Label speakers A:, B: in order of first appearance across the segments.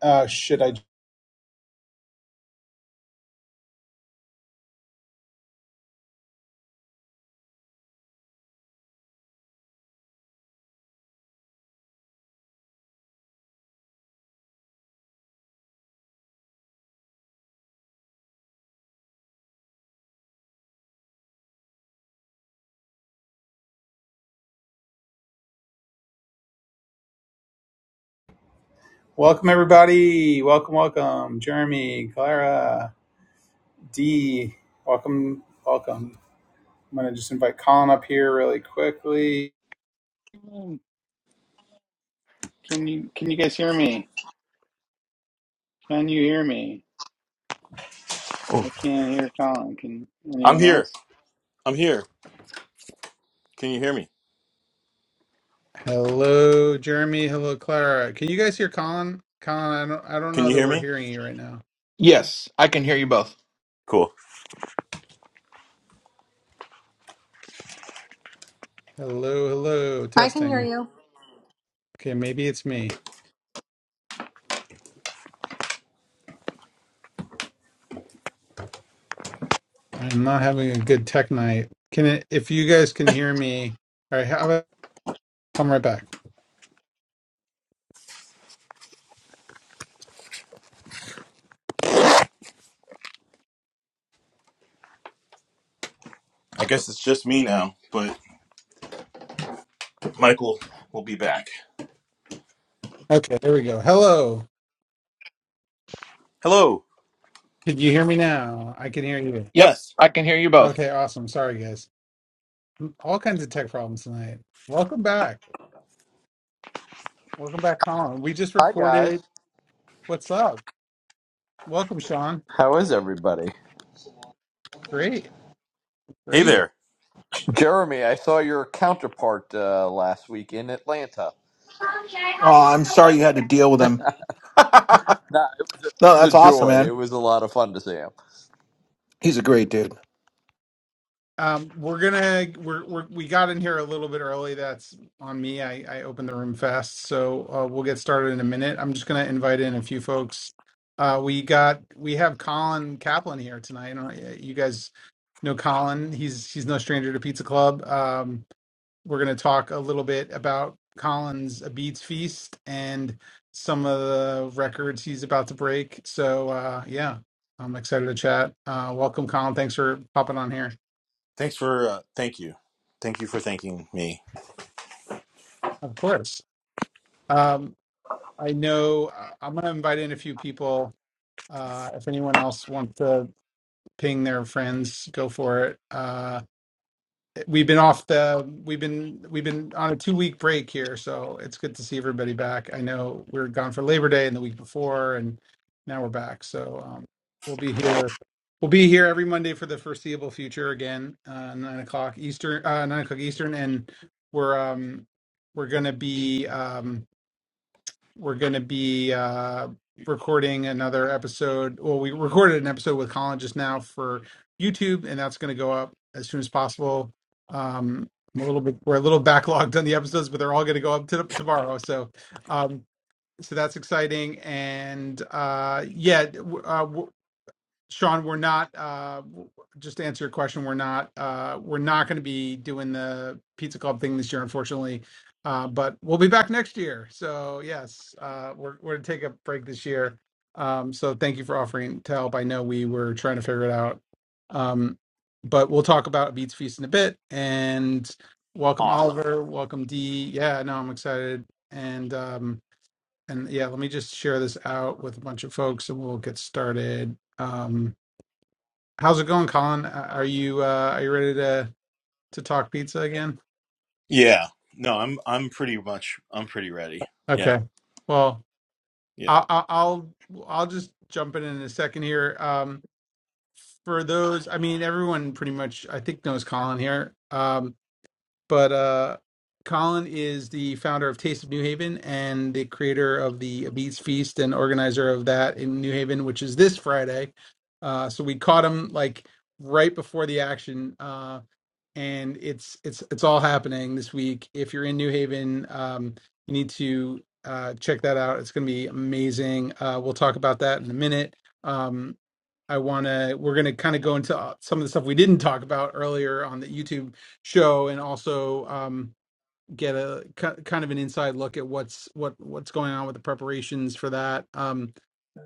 A: Uh, should I? Welcome everybody. Welcome, welcome. Jeremy, Clara, D. Welcome, welcome. I'm gonna just invite Colin up here really quickly. Can you can you guys hear me? Can you hear me?
B: Oh,
A: I can't hear Colin. Can
B: I'm
A: anyone
B: here.
A: else?
B: I'm here. Can you hear me?
A: Hello, Jeremy. Hello, Clara. Can you guys hear Colin? Colin, I don't I don't
B: Can
A: know
B: you
A: that
B: hear
A: we're
B: me?
A: hearing you right now.
C: Yes, I can hear you both.
B: Cool.
A: Hello, hello.
D: I can hear
A: Testing.
D: you.
A: Okay, maybe it's me. I'm not having a good tech night. Can it, if you guys can hear me? All right, how about, I'm right back.
B: I guess it's just me now, but Michael will be back.
A: Okay, there we go. Hello.
B: Hello.
A: Can you hear me now? I can hear you.
C: Yep,
B: Yes.
C: I can hear you both.
A: Okay, awesome. Sorry, guys. All kinds of tech problems tonight. Welcome back. Welcome back, Colin. We just
E: Hi guys,
A: recorded. What's up? Welcome, Sean.
E: how is everybody?
A: Great.
B: Hey
A: Great.
B: there.
E: Jeremy, I saw your counterpart uh, last week in Atlanta.
C: Um, no,
E: Nah, it was a, it was
C: that's
E: a
C: awesome,
E: joy. It
C: man.
E: was a lot of fun to see him.
C: He's a great dude.
A: Um, we're gonna we're, we're we got in here a little bit early. That's on me. I I opened the room fast, so uh, we'll get started in a minute. I'm just gonna invite in a few folks. Uh, we got we have Colin Kaplan here tonight. I don't know, You guys know Colin. He's he's no stranger to Pizza Club. Um, we're gonna talk a little bit about Colin's A Beats Feast and some of the records he's about to break. So uh, yeah, I'm excited to chat. Uh, welcome, Colin. Thanks for popping on here.
B: Thanks for uh thank you. Thank you for thanking me.
A: Of course. Um, I know I- I'm going to invite in a few people. Uh, if anyone else wants to ping their friends, go for it. Uh, we've been off the we've been we've been on a two week break here, so it's good to see everybody back. I know we were gone for Labor Day and the week before, and now we're back. So um, we'll be here. We'll be here every Monday for the foreseeable future again, uh, nine o'clock Eastern, uh, nine o'clock Eastern, and we're um, we're going to be. Um, we're going to be uh, recording another episode. Well, we recorded an episode with Colin just now for YouTube, and that's going to go up as soon as possible. Um, I'm a little bit we're a little backlogged on the episodes, but they're all going to go up to, tomorrow. So, um, so that's exciting, and uh, yeah, w- uh, w- Sean, we're not, uh, just to answer your question, we're not, uh, we're not going to be doing the Pizza Club thing this year, unfortunately. Uh, but we'll be back next year. So yes, uh, we're, we're going to take a break this year. Um, so thank you for offering to help. I know we were trying to figure it out. Um, but we'll talk about Beats Feast in a bit and welcome
E: Awesome.
A: Oliver. Welcome D. Yeah, no, I'm excited. And, um, and yeah, let me just share this out with a bunch of folks and we'll get started. Um, How's it going, Colin? Uh, Are you uh, are you ready to to talk pizza again?
B: Yeah. No, I'm I'm pretty much I'm pretty ready. Yeah.
A: Okay. Well,
B: Yeah.
A: I'll I'll I'll just jump in in a second here. Um, for those, I mean, everyone pretty much I think knows Colin here. Um, but uh, Colin is the founder of Taste of New Haven and the creator of the Beats Feast and organizer of that in New Haven, which is this Friday. Uh, so we caught him like right before the action. Uh, and it's it's it's all happening this week. If you're in New Haven, um, you need to uh, check that out. It's going to be amazing. Uh, we'll talk about that in a minute. Um, I want to. We're going to kind of go into uh, some of the stuff we didn't talk about earlier on the YouTube show, and also um, get a ki- kind of an inside look at what's what what's going on with the preparations for that. Um,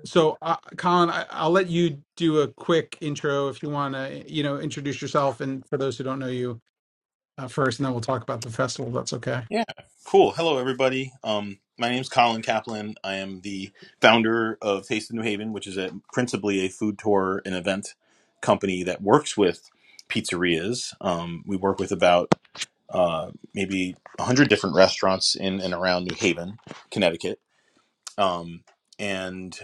A: so, uh, Colin, I, I'll let you do a quick intro if you want to, you know, introduce yourself and for those who don't know you, uh, first, and then we'll talk about the festival. That's okay.
B: Yeah. Cool. Hello everybody. Um my name's Colin Kaplan. I am the founder of Taste of New Haven, which is a principally a food tour and event company that works with pizzerias. Um, we work with about uh, maybe 100 different restaurants in and around New Haven, Connecticut. Um, and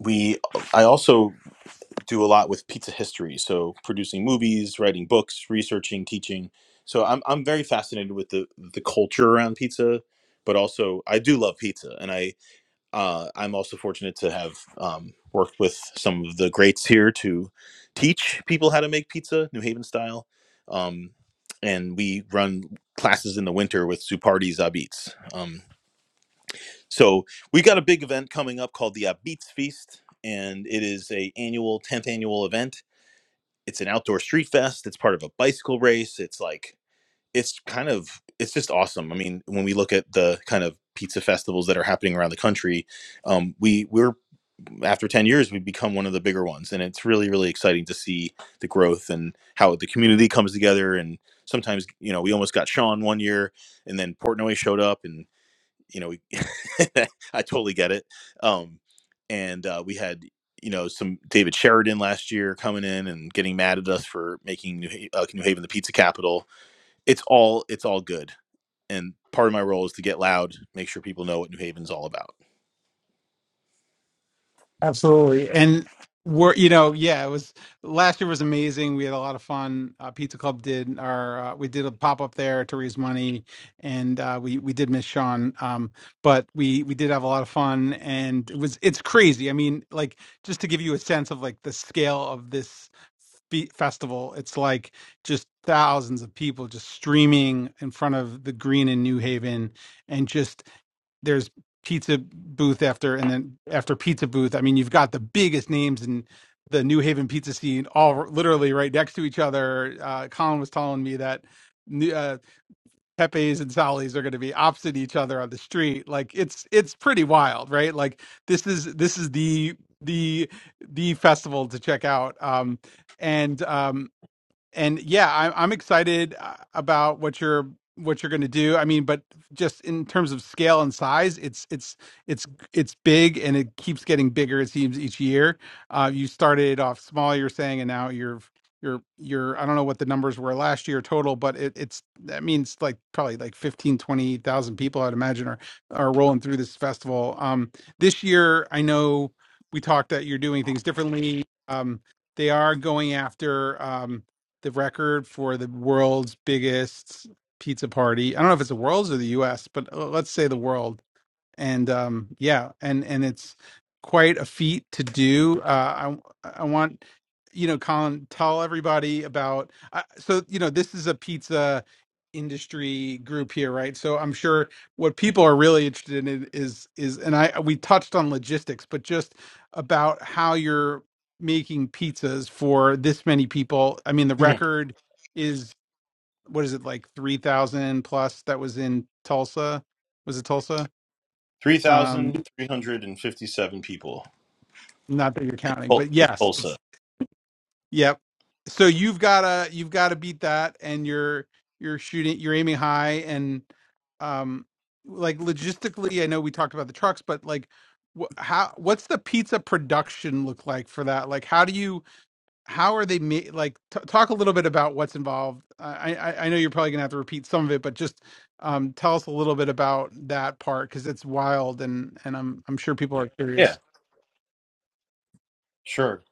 B: we, I also do a lot with pizza history. So producing movies, writing books, researching, teaching. So I'm, I'm very fascinated with the, the culture around pizza, but also I do love pizza. And I, uh, I'm also fortunate to have um, worked with some of the greats here to teach people how to make pizza, New Haven style. Um, and we run classes in the winter with Zupardi Zabits. Um, so we got a big event coming up called the Abits Feast, and it is a annual 10th annual event. It's an outdoor street fest. It's part of a bicycle race. It's like it's kind of it's just awesome. I mean, when we look at the kind of pizza festivals that are happening around the country, um, we we're after 10 years we become one of the bigger ones and it's really really exciting to see the growth and how the community comes together and sometimes you know we almost got sean one year and then portnoy showed up and you know we, i totally get it um, and uh, we had you know some david sheridan last year coming in and getting mad at us for making new, Ha- uh, new haven the pizza capital it's all it's all good and part of my role is to get loud make sure people know what new haven's all about
A: Absolutely. And we're, you know, yeah, it was last year was amazing. We had a lot of fun. Uh, Pizza Club did our, uh, we did a pop up there to raise money, and uh, we we did miss Sean, um, but we we did have a lot of fun, and it was it's crazy. I mean, like just to give you a sense of like the scale of this fe- festival it's like just thousands of people just streaming in front of the green in new haven and just there's pizza booth after and then after pizza booth i mean you've got the biggest names in the new haven pizza scene all r- literally right next to each other uh, colin was telling me that new- uh, pepe's and sally's are going to be opposite each other on the street like it's it's pretty wild right like this is this is the the the festival to check out um and um and yeah, I'm I'm excited uh, about what you're what you're going to do. I mean, but just in terms of scale and size, it's it's it's it's big and it keeps getting bigger. It seems each year. Uh, you started off small, you're saying, and now you're you're you're I don't know what the numbers were last year total, but it, it's that means like probably like 15 20,000 people I'd imagine are are rolling through this festival. Um, this year, I know we talked that you're doing things differently. Um, they are going after. Um, the record for the world's biggest pizza party. I don't know if it's the world's or the U.S., but uh, let's say the world's and um yeah and and it's quite a feat to do uh i i want you know colin tell everybody about uh, so you know this is a pizza industry group here right so i'm sure what people are really interested in is is and i we touched on logistics but just about how you're making pizzas for this many people i mean the record is what is it like 3000 plus that was in tulsa was it tulsa um
B: 3,357 people
A: not that you're
B: in,
A: counting
B: Tul-
A: but
B: in
A: yes
B: Tulsa.
A: it's yep so you've gotta you've gotta beat that and you're you're shooting you're aiming high and um like logistically i know we talked about the trucks but like wh- how what's the pizza production look like for that like how do you how are they made like t- talk a little bit about what's involved I, I i know you're probably gonna have to repeat some of it but just um tell us a little bit about that part because it's wild and and i'm i'm sure people are
B: Yeah,
A: curious
B: sure.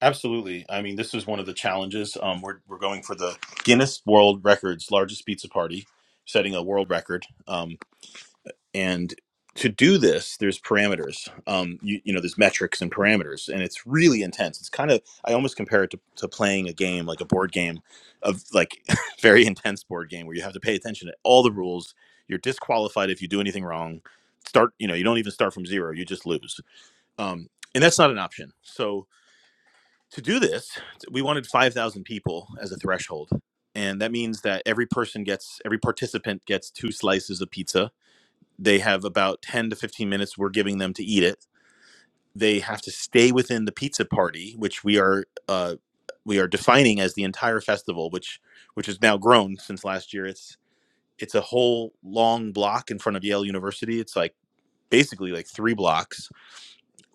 B: Absolutely. I mean, this is one of the challenges. Um, we're, we're going for the Guinness World Records largest pizza party, setting a world record. Um, and to do this there's parameters um you, you know there's metrics and parameters and it's really intense it's kind of i almost compare it to, to playing a game like a board game of like very intense board game where you have to pay attention to all the rules you're disqualified if you do anything wrong start you know you don't even start from zero you just lose um and that's not an option so to do this we wanted 5000 people as a threshold and that means that every person gets every participant gets two slices of pizza they have about 10 to 15 minutes we're giving them to eat it. They have to stay within the pizza party, which we are uh, we are defining as the entire festival, which which has now grown since last year. It's it's a whole long block in front of Yale University. It's like basically like three blocks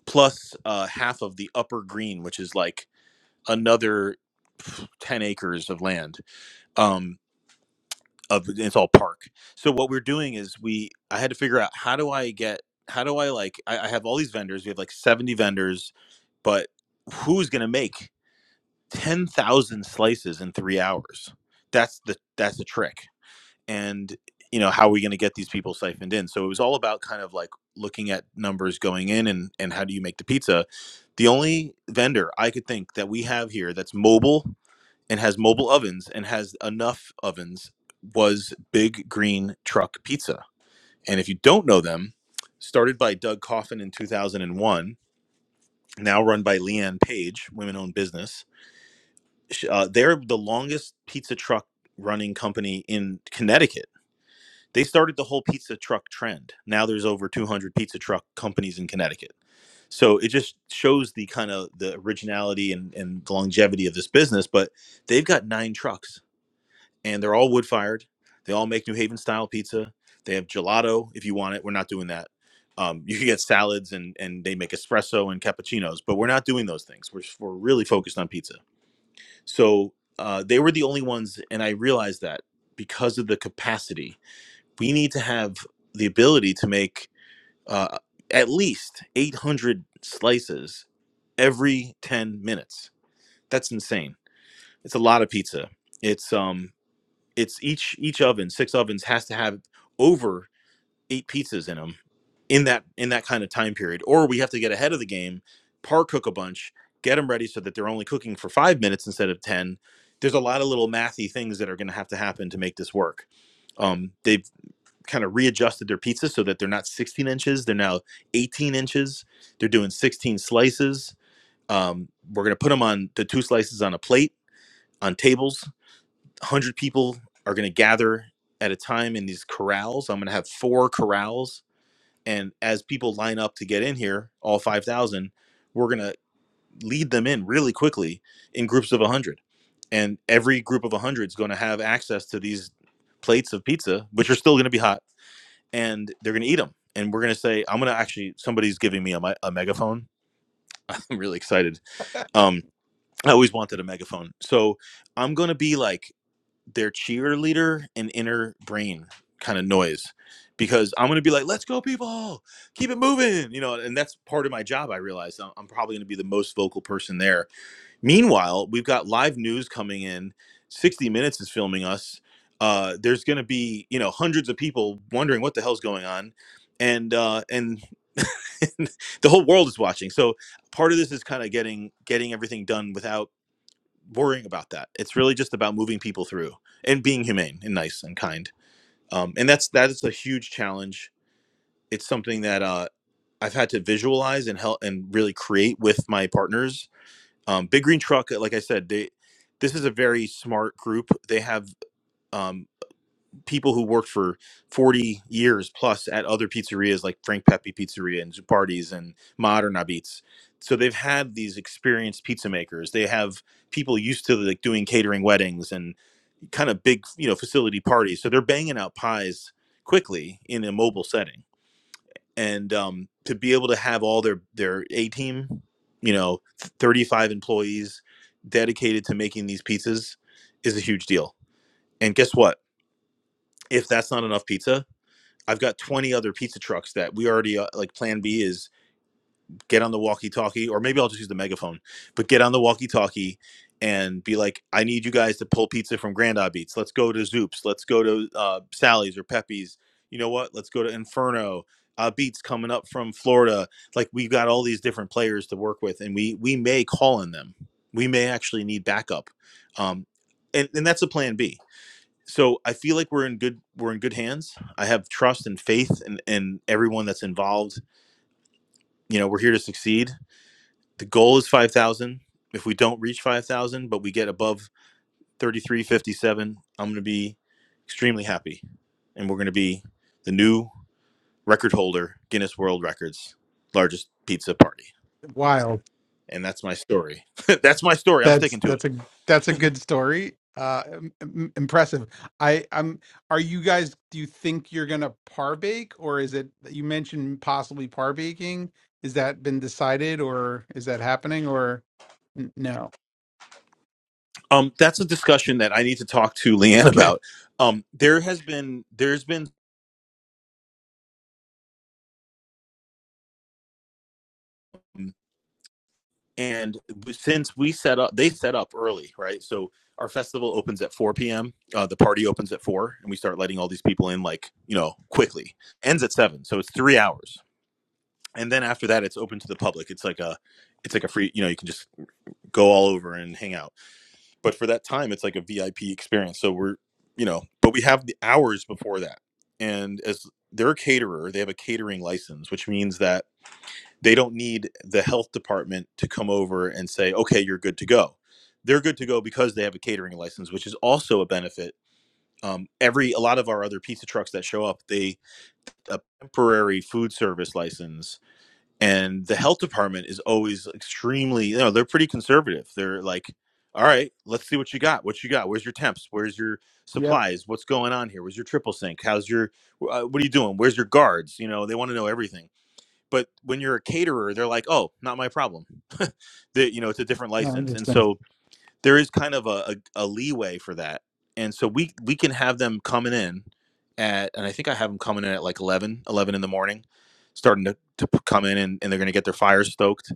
B: plus uh, half of the upper green, which is like another 10 acres of land. Um, of it's all park. So what we're doing is we I had to figure out how do I get how do I like I, I have all these vendors. We have like 70 vendors, but who's gonna make 10,000 slices in three hours? That's the that's the trick. And you know how are we going to get these people siphoned in? So it was all about kind of like looking at numbers going in and and how do you make the pizza? The only vendor I could think that we have here that's mobile and has mobile ovens and has enough ovens was Big Green Truck Pizza. And if you don't know them, started by Doug Coffin in 2001, now run by Leanne Page, women owned business. Uh, they're the longest pizza truck running company in Connecticut. They started the whole pizza truck trend. Now there's over 200 pizza truck companies in Connecticut. So it just shows the kind of the originality and, and longevity of this business. But they've got nine trucks and they're all wood fired. They all make New Haven style pizza. They have gelato if you want it. We're not doing that. Um, you can get salads and and they make espresso and cappuccinos, but we're not doing those things. We're we're really focused on pizza. So uh, they were the only ones, and I realized that because of the capacity, we need to have the ability to make uh, at least 800 slices every 10 minutes. That's insane. It's a lot of pizza. It's um it's each each oven six ovens has to have over eight pizzas in them in that in that kind of time period or we have to get ahead of the game par cook a bunch get them ready so that they're only cooking for five minutes instead of ten there's a lot of little mathy things that are going to have to happen to make this work um, they've kind of readjusted their pizzas so that they're not 16 inches they're now 18 inches they're doing 16 slices um, we're going to put them on the two slices on a plate on tables 100 people are going to gather at a time in these corrals. I'm going to have four corrals. And as people line up to get in here, all 5,000, we're going to lead them in really quickly in groups of 100. And every group of 100 is going to have access to these plates of pizza, which are still going to be hot, and they're going to eat them. And we're going to say, I'm going to actually, somebody's giving me a, mi- a megaphone. I'm really excited. Um, I always wanted a megaphone. So I'm going to be like, their cheerleader and inner brain kind of noise because I'm going to be like, let's go, people, keep it moving. You know, and that's part of my job. I realize I'm, I'm probably going to be the most vocal person there. Meanwhile, we've got live news coming in. 60 Minutes is filming us. Uh, there's going to be, you know, hundreds of people wondering what the hell's going on. And, uh, and the whole world is watching. So part of this is kind of getting, getting everything done without worrying about that. It's really just about moving people through and being humane and nice and kind. Um, and that's that is a huge challenge. It's something that uh, I've had to visualize and help and really create with my partners. Um, Big Green Truck, like I said, they this is a very smart group. They have um, people who worked for 40 years plus at other pizzerias like Frank Pepe Pizzeria and Zupardi's and Moderna Beats. So they've had these experienced pizza makers. They have people used to like doing catering weddings and kind of big, you know, facility parties. So they're banging out pies quickly in a mobile setting, and um, to be able to have all their their A team, you know, thirty five employees dedicated to making these pizzas is a huge deal. And guess what? If that's not enough pizza, I've got twenty other pizza trucks that we already uh, like. Plan B is get on the walkie talkie, or maybe I'll just use the megaphone, but get on the walkie talkie and be like, I need you guys to pull pizza from Grand Eye Beats. Let's go to Zoop's. Let's go to uh, Sally's or Pepe's. You know what? Let's go to Inferno. Uh, beats coming up from Florida. Like we've got all these different players to work with, and we we may call on them. We may actually need backup, um, and and that's a plan B. So I feel like we're in good we're in good hands. I have trust and faith in, in everyone that's involved you know we're here to succeed the goal is 5,000. If we don't reach 5,000, but we get above 3357, I'm going to be extremely happy. And we're going to be the new record holder, Guinness World Records, largest pizza party.
A: wild
B: And that's my story. that's my story. I'm
A: That's
B: sticking to it.
A: that's a that's a good story. Uh, im- im- impressive. I I'm. Are you guys? Do you think you're gonna par bake, or is it? You mentioned possibly par baking. Is that been decided, or is that happening, or n- no?
B: Um, that's a discussion that I need to talk to Leanne
A: Okay.
B: about. Um, there has been, there's been and since we set up they set up early right so our festival opens at 4 p.m uh, the party opens at 4 and we start letting all these people in like you know quickly ends at 7 so it's three hours and then after that it's open to the public it's like a it's like a free you know you can just go all over and hang out but for that time it's like a vip experience so we're you know but we have the hours before that and as their caterer they have a catering license which means that they don't need the health department to come over and say, okay, you're good to go. They're good to go because they have a catering license, which is also a benefit. Um, every a lot of our other pizza trucks that show up, they a temporary food service license, and the health department is always extremely, you know, they're pretty conservative. They're like, all right, let's see what you got. What you got? Where's your temps? Where's your
A: Yep.
B: supplies? What's going on here? Where's your triple sink? How's your uh, what are you doing? Where's your guards? You know, they want to know everything but when you're a caterer they're like oh not my problem that you know it's a different
A: No,
B: license and
A: interesting.
B: so there is kind of a, a, a leeway for that and so we we can have them coming in at and i think i have them coming in at like 11 11 in the morning starting to, to p- come in and, and they're going to get their fires stoked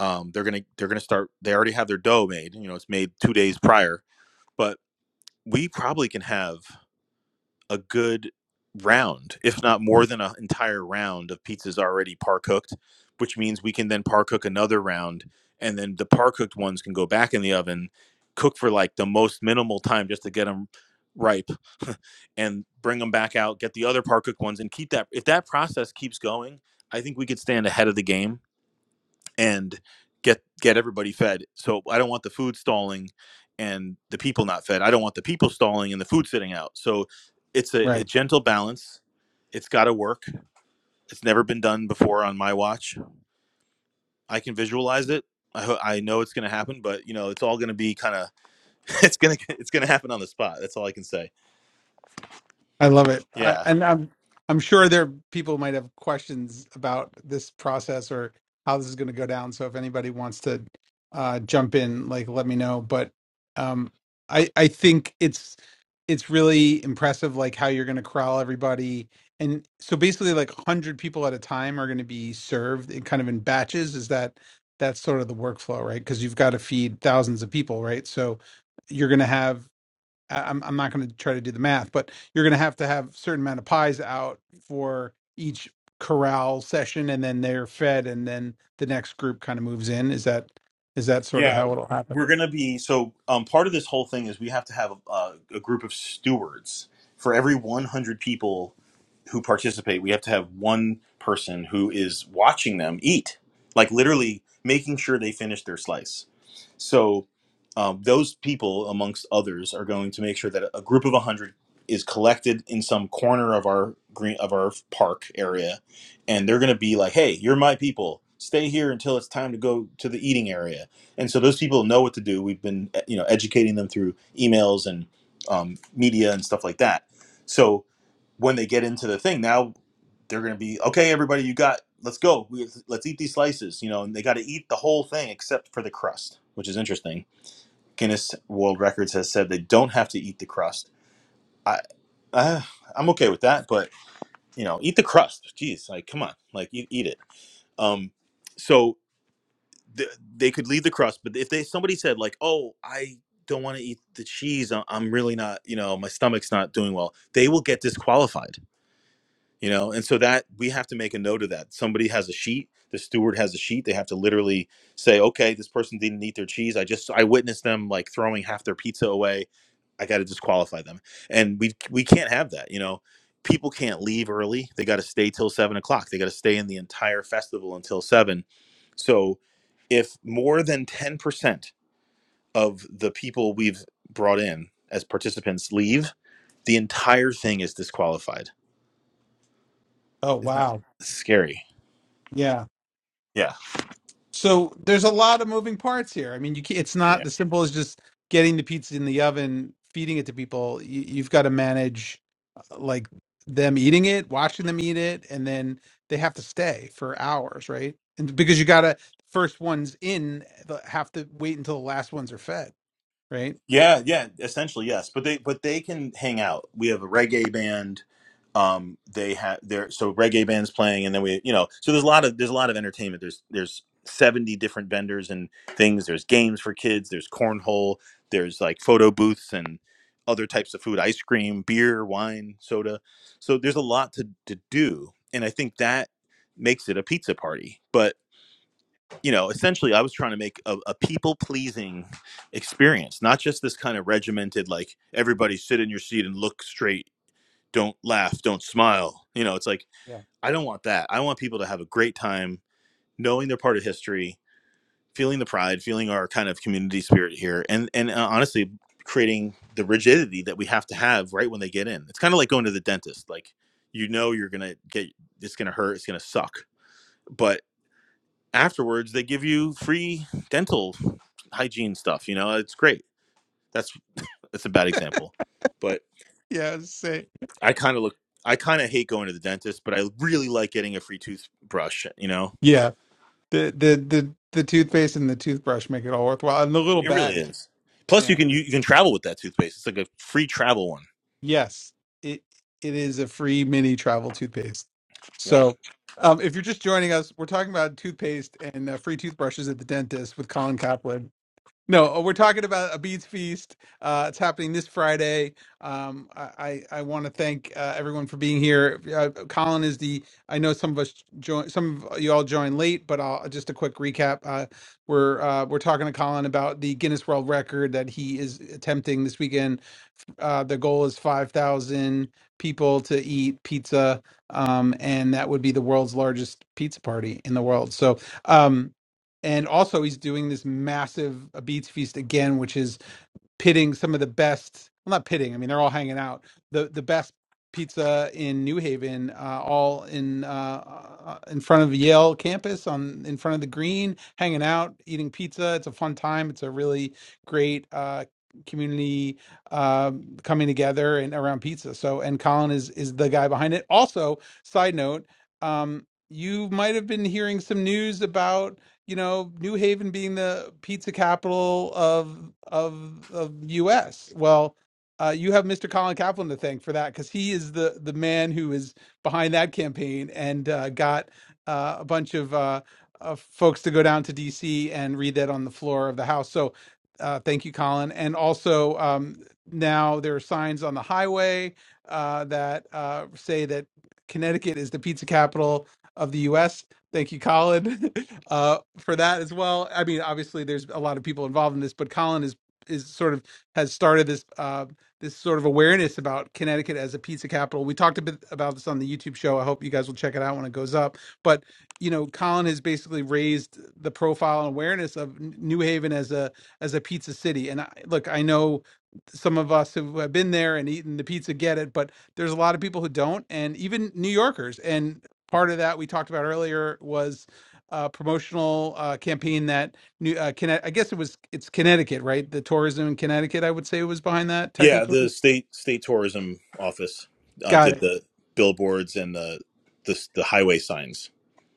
B: um, they're going to they're going to start they already have their dough made you know it's made two days prior but we probably can have a good round, if not more than an entire round of pizzas already par cooked, which means we can then par cook another round, and then the par cooked ones can go back in the oven, cook for like the most minimal time just to get them ripe, and bring them back out, get the other par cooked ones, and keep that. If that process keeps going, I think we could stand ahead of the game and get get everybody fed. So I don't want the food stalling and the people not fed. I don't want the people stalling and the food sitting out. So it's a,
A: Right.
B: a gentle balance. It's got to work. It's never been done before on my watch. I can visualize it. I, ho- I know it's going to happen, but you know it's all going to be kind of it's going to it's going to happen on the spot. That's all I can say.
A: I love it. I,
B: Yeah.
A: and I'm I'm sure there people might have questions about this process or how this is going to go down. So if anybody wants to uh, jump in, like let me know. But um, I I think it's it's really impressive, like how you're going to corral everybody. And so basically, like hundred people at a time are going to be served, in, kind of in batches. Is that that's sort of the workflow, right? Because you've got to feed thousands of people, right? So you're going to have I- I'm I'm not going to try to do the math, but you're going to have to have certain amount of pies out for each corral session, and then they're fed, and then the next group kind of moves in. Is that is that sort of
B: Yeah,
A: how it'll happen?
B: we're gonna be so. Um, part of this whole thing is we have to have a, a group of stewards for every 100 people who participate. We have to have one person who is watching them eat, like literally making sure they finish their slice. So um, those people, amongst others, are going to make sure that a group of one hundred is collected in some corner of our green of our park area, and they're going to be like, "Hey, you're my people. Stay here until it's time to go to the eating area." And so those people know what to do. We've been eh, you know educating them through emails and um, media and stuff like that. So when they get into the thing now they're gonna be okay. Everybody, you got. Let's go. We, let's eat these slices. You know, and they got to eat the whole thing except for the crust, which is interesting. Guinness World Records has said they don't have to eat the crust. I, I I'm okay with that, but you know, eat the crust. Jeez, like come on, like eat, eat it. Um, so th- they could leave the crust, but if they somebody said like, oh, I don't want to eat the cheese, I- I'm really not. You know, my stomach's not doing well. They will get disqualified you know and so that we have to make a note of that somebody has a sheet the steward has a sheet they have to literally say okay this person didn't eat their cheese i just i witnessed them like throwing half their pizza away i got to disqualify them and we we can't have that you know people can't leave early they got to stay till seven o'clock they got to stay in the entire festival until seven so if more than 10% of the people we've brought in as participants leave the entire thing is disqualified
A: Oh
B: isn't
A: wow,
B: that scary
A: yeah.
B: Yeah.
A: So there's a lot of moving parts here. I mean, you can, it's
B: Yeah.
A: not as simple as just getting the pizza in the oven, feeding it to people. You, you've got to manage uh, like them eating it, watching them eat it, and then they have to stay for hours, right? And because you got to first ones in the- have to wait until the last ones are fed, right?
B: Yeah, yeah, essentially yes, but they but they can hang out. We have a reggae band. Um, they have there so reggae bands playing, and then we you know so there's a lot of there's a lot of entertainment. There's there's seventy different vendors and things. There's games for kids. There's cornhole. There's like photo booths and other types of food, ice cream, beer, wine, soda. So there's a lot to to do, and I think that makes it a pizza party. But you know, essentially, I was trying to make a, a people pleasing experience, not just this kind of regimented, like everybody sit in your seat and look straight, don't laugh, don't smile. You know, it's like,
A: Yeah.
B: I don't want that. I want people to have a great time knowing they're part of history, feeling the pride, feeling our kind of community spirit here, and, and uh, honestly, creating the rigidity that we have to have right when they get in. It's kind of like going to the dentist. Like, you know, you're going to get, it's going to hurt, it's going to suck. But afterwards, they give you free dental hygiene stuff. You know, it's great. That's that's a bad example, but
A: Yeah. Say.
B: I kind of look. I kind of hate going to the dentist, but I really like getting a free toothbrush. You know,
A: Yeah. The the the the toothpaste and the toothbrush make it all worthwhile, and the little
B: it really
A: bag. Too.
B: is. Plus, you
A: Yeah.
B: can you, you can travel with that toothpaste. It's like a free travel one.
A: Yes, it it is a free mini travel toothpaste.
B: Yep.
A: So, um, if you're just joining us, we're talking about toothpaste and uh, free toothbrushes at the dentist with Colin Kaplan. No, uh, we're talking about a Beats Feast. Uh, it's happening this Friday. Um, I I, I want to thank uh, everyone for being here. Uh, Colin is the. I know some of us join. Some of you all joined late, but I'll, just a quick recap. Uh, we're uh, we're talking to Colin about the Guinness World Record that he is attempting this weekend uh, the goal is 5,000 people to eat pizza, um, and that would be the world's largest pizza party in the world. So, um, and also he's doing this massive Beats Feast again, which is pitting some of the best well not pitting i mean they're all hanging out the the best pizza in new haven uh, all in uh, uh, in front of yale campus on in front of the green hanging out eating pizza it's a fun time it's a really great uh, community um coming together and around pizza so and colin is is the guy behind it also side note um you might have been hearing some news about you know, New Haven being the pizza capital of of of U.S. Well, uh, you have Mr. Colin Kaplan to thank for that because he is the the man who is behind that campaign and uh, got uh, a bunch of uh, uh, folks to go down to D.C. and read that on the floor of the House. So, uh, thank you, Colin. And also, um, now there are signs on the highway uh, that uh, say that Connecticut is the pizza capital of the U.S. Thank you, Colin, uh, for that as well. I mean, obviously, there's a lot of people involved in this, but Colin is is sort of has started this uh, this sort of awareness about Connecticut as a pizza capital. We talked a bit about this on the YouTube show. I hope you guys will check it out when it goes up. But you know, Colin has basically raised the profile and awareness of N- New Haven as a as a pizza city. And I, look, I know some of us who have been there and eaten the pizza get it, but there's a lot of people who don't, and even New Yorkers. And part of that we talked about earlier was a promotional uh, campaign that new uh, Conne- I guess it was it's Connecticut, right? The tourism in Connecticut, I would say, was behind that
B: Yeah,
A: technically.
B: the state state tourism office uh,
A: Got
B: did
A: it.
B: the billboards and the, the the highway signs.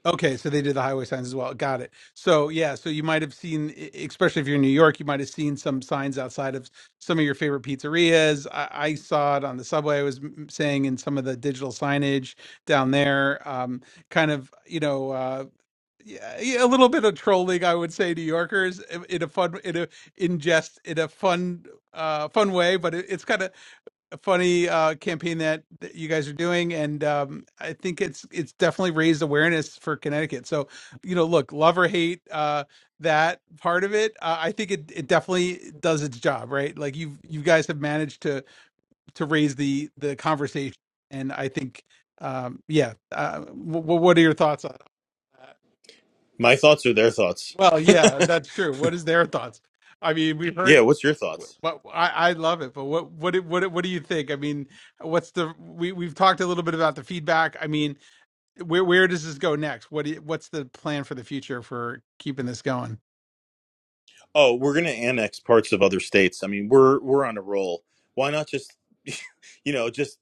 A: Okay, so they did the highway signs as well. Got it. So yeah, so you might have seen, e- e, especially if you're in New York, you might have seen some signs outside of some of your favorite pizzerias. I, I saw it on the subway. I was m- saying in some of the digital signage down there, um, kind of you know. Uh, yeah, yeah, a little bit of trolling, I would say, New Yorkers in in a fun, in a in jest, in a fun, uh, fun way. But it, it's kind of a funny uh, campaign that, that you guys are doing, and um, I think it's it's definitely raised awareness for Connecticut. So, you know, look, love or hate uh, that part of it, uh, I think it, it definitely does its job, right? Like you you guys have managed to to raise the the conversation, and I think, um, yeah. Uh, w- what are your thoughts on? that?
B: My thoughts are their thoughts.
A: Well, yeah, that's true. What is their thoughts? I mean, we
B: Yeah,
A: heard,
B: what's your thoughts?
A: but I, I love it. But what, what, do- what, do- what do you think? I mean, what's the? We we've talked a little bit about the feedback. I mean, where where does this go next? What do you- what's the plan for the future for keeping this going?
B: Oh, we're going to annex parts of other states. I mean, we're we're on a roll. Why not just you know, just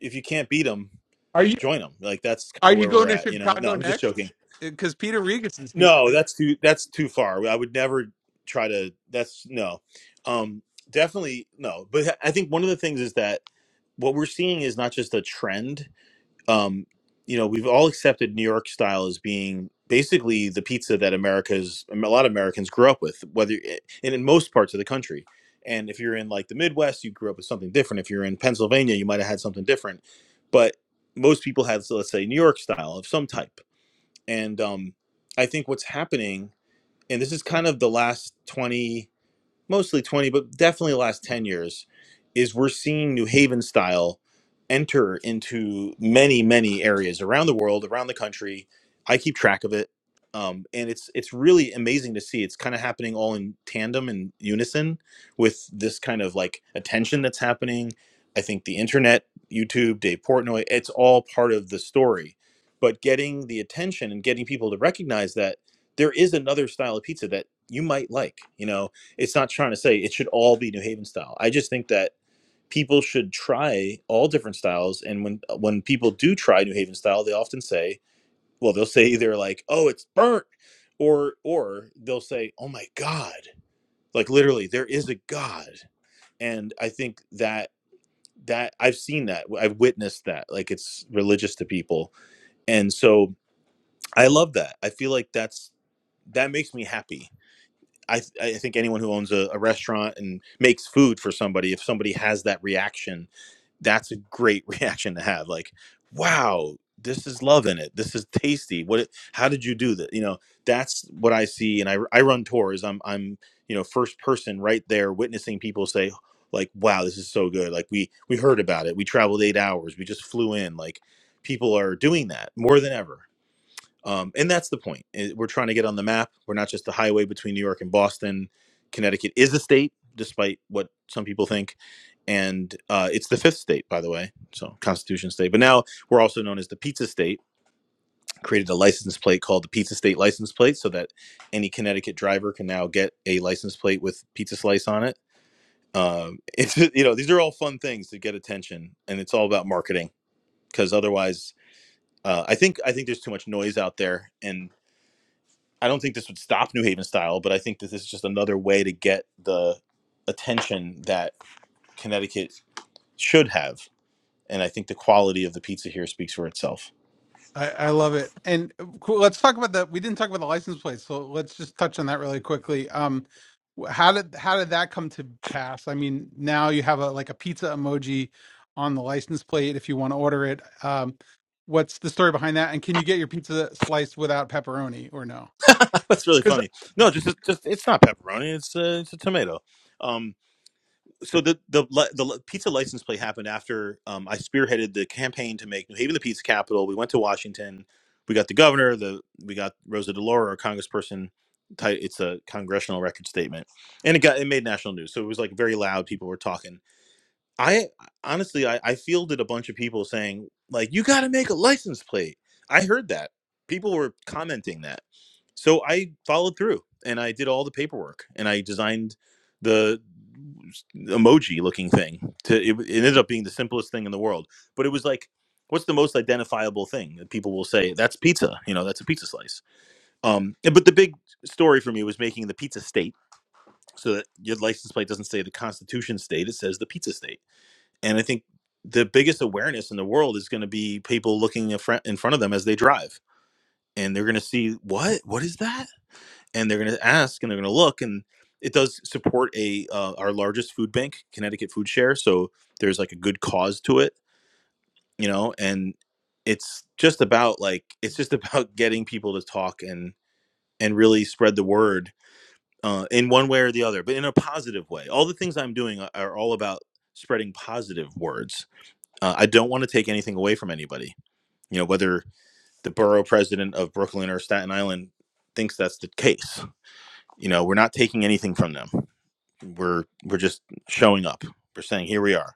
B: if you can't beat them,
A: Are you
B: join them. Like that's kind
A: are
B: of
A: you
B: where we're
A: going to
B: at, you know. No,
A: Chicago
B: I'm just joking.
A: next? Because Peter Regas is here.
B: No, that's too that's too far. I would never try to. That's no, um, definitely no. But I think one of the things is that what we're seeing is not just a trend um, you know, we've all accepted New York style as being basically the pizza that America's um, a lot of Americans grew up with, whether and in most parts of the country. And if you're in like the Midwest, you grew up with something different. If you're in Pennsylvania, you might have had something different. But most people had, so let's say, New York style of some type. And um, I think what's happening, and this is kind of the last 20 mostly 20, but definitely the last 10 years, is we're seeing New Haven style enter into many, many areas around the world, around the country. I keep track of it. Um, and it's it's really amazing to see. It's kind of happening all in tandem and unison with this kind of like attention that's happening. I think the internet, YouTube, Dave Portnoy, it's all part of the story. But getting the attention and getting people to recognize that there is another style of pizza that you might like. You know, it's not trying to say it should all be New Haven style. I just think that people should try all different styles, and when uh, when people do try New Haven style, they often say, well, they'll say either like, "Oh, it's burnt," or or they'll say, "Oh my God!" Like literally, there is a God, and I think that that I've seen that I've witnessed that like it's religious to people, and so I love that. I feel like that's that makes me happy I, I think anyone who owns a, a restaurant and makes food for somebody, if somebody has that reaction, that's a great reaction to have. Like, wow, this is love in it. This is tasty. What? How did you do that? You know, that's what I see. And I, I run tours. I'm I'm you know first person right there witnessing people say like, wow, this is so good. Like we we heard about it. We traveled eight hours. We just flew in. Like people are doing that more than ever. Um, and that's the point. Eh, We're trying to get on the map. We're not just the highway between New York and Boston. Connecticut is a state, despite what some people think. And uh, it's the fifth state, by the way, so Constitution State. But now we're also known as the Pizza State. Created a license plate called the Pizza State license plate, so that any Connecticut driver can now get a license plate with pizza slice on it. Um, it's you know these are all fun things to get attention, and it's all about marketing because otherwise, uh, I think I think there's too much noise out there, and I don't think this would stop New Haven style, but I think that this is just another way to get the attention that Connecticut should have. And I think the quality of the pizza here speaks for itself.
A: I, I love it. And uh, cool, let's talk about the. We didn't talk about the license plate, so let's just touch on that really quickly. Um, wh- how did how did that come to pass? I mean, now you have a like a pizza emoji on the license plate if you want to order it. Um, what's the story behind that? And can you get your pizza sliced without pepperoni or no?
B: That's really
A: Because
B: funny. No, just, just it's not pepperoni. It's a it's a tomato. Um, so the the the pizza license plate happened after um, I spearheaded the campaign to make New Haven the pizza capital. We went to Washington. We got the governor. The we got Rosa DeLauro, our congressperson. ti- It's a congressional record statement, and it got it made national news. So it was like very loud. People were talking. I honestly, I, I fielded a bunch of people saying like, "You got to make a license plate." I heard that people were commenting that, so I followed through and I did all the paperwork and I designed. the emoji looking thing. To it, it ended up being the simplest thing in the world, but it was like, what's the most identifiable thing that people will say? That's pizza. You know, that's a pizza slice. Um, but the big story for me was making the pizza state so that your license plate doesn't say the Constitution state; it says the pizza state. And I think the biggest awareness in the world is going to be people looking in front in front of them as they drive, and they're going to see what what is that and they're going to ask and they're going to look and it does support a uh, our largest food bank connecticut food share so there's like a good cause to it you know and it's just about like it's just about getting people to talk and and really spread the word uh, in one way or the other but in a positive way all the things i'm doing are, are all about spreading positive words uh, i don't want to take anything away from anybody you know whether the borough president of brooklyn or staten island thinks that's the case you know we're not taking anything from them we're we're just showing up we're saying here we are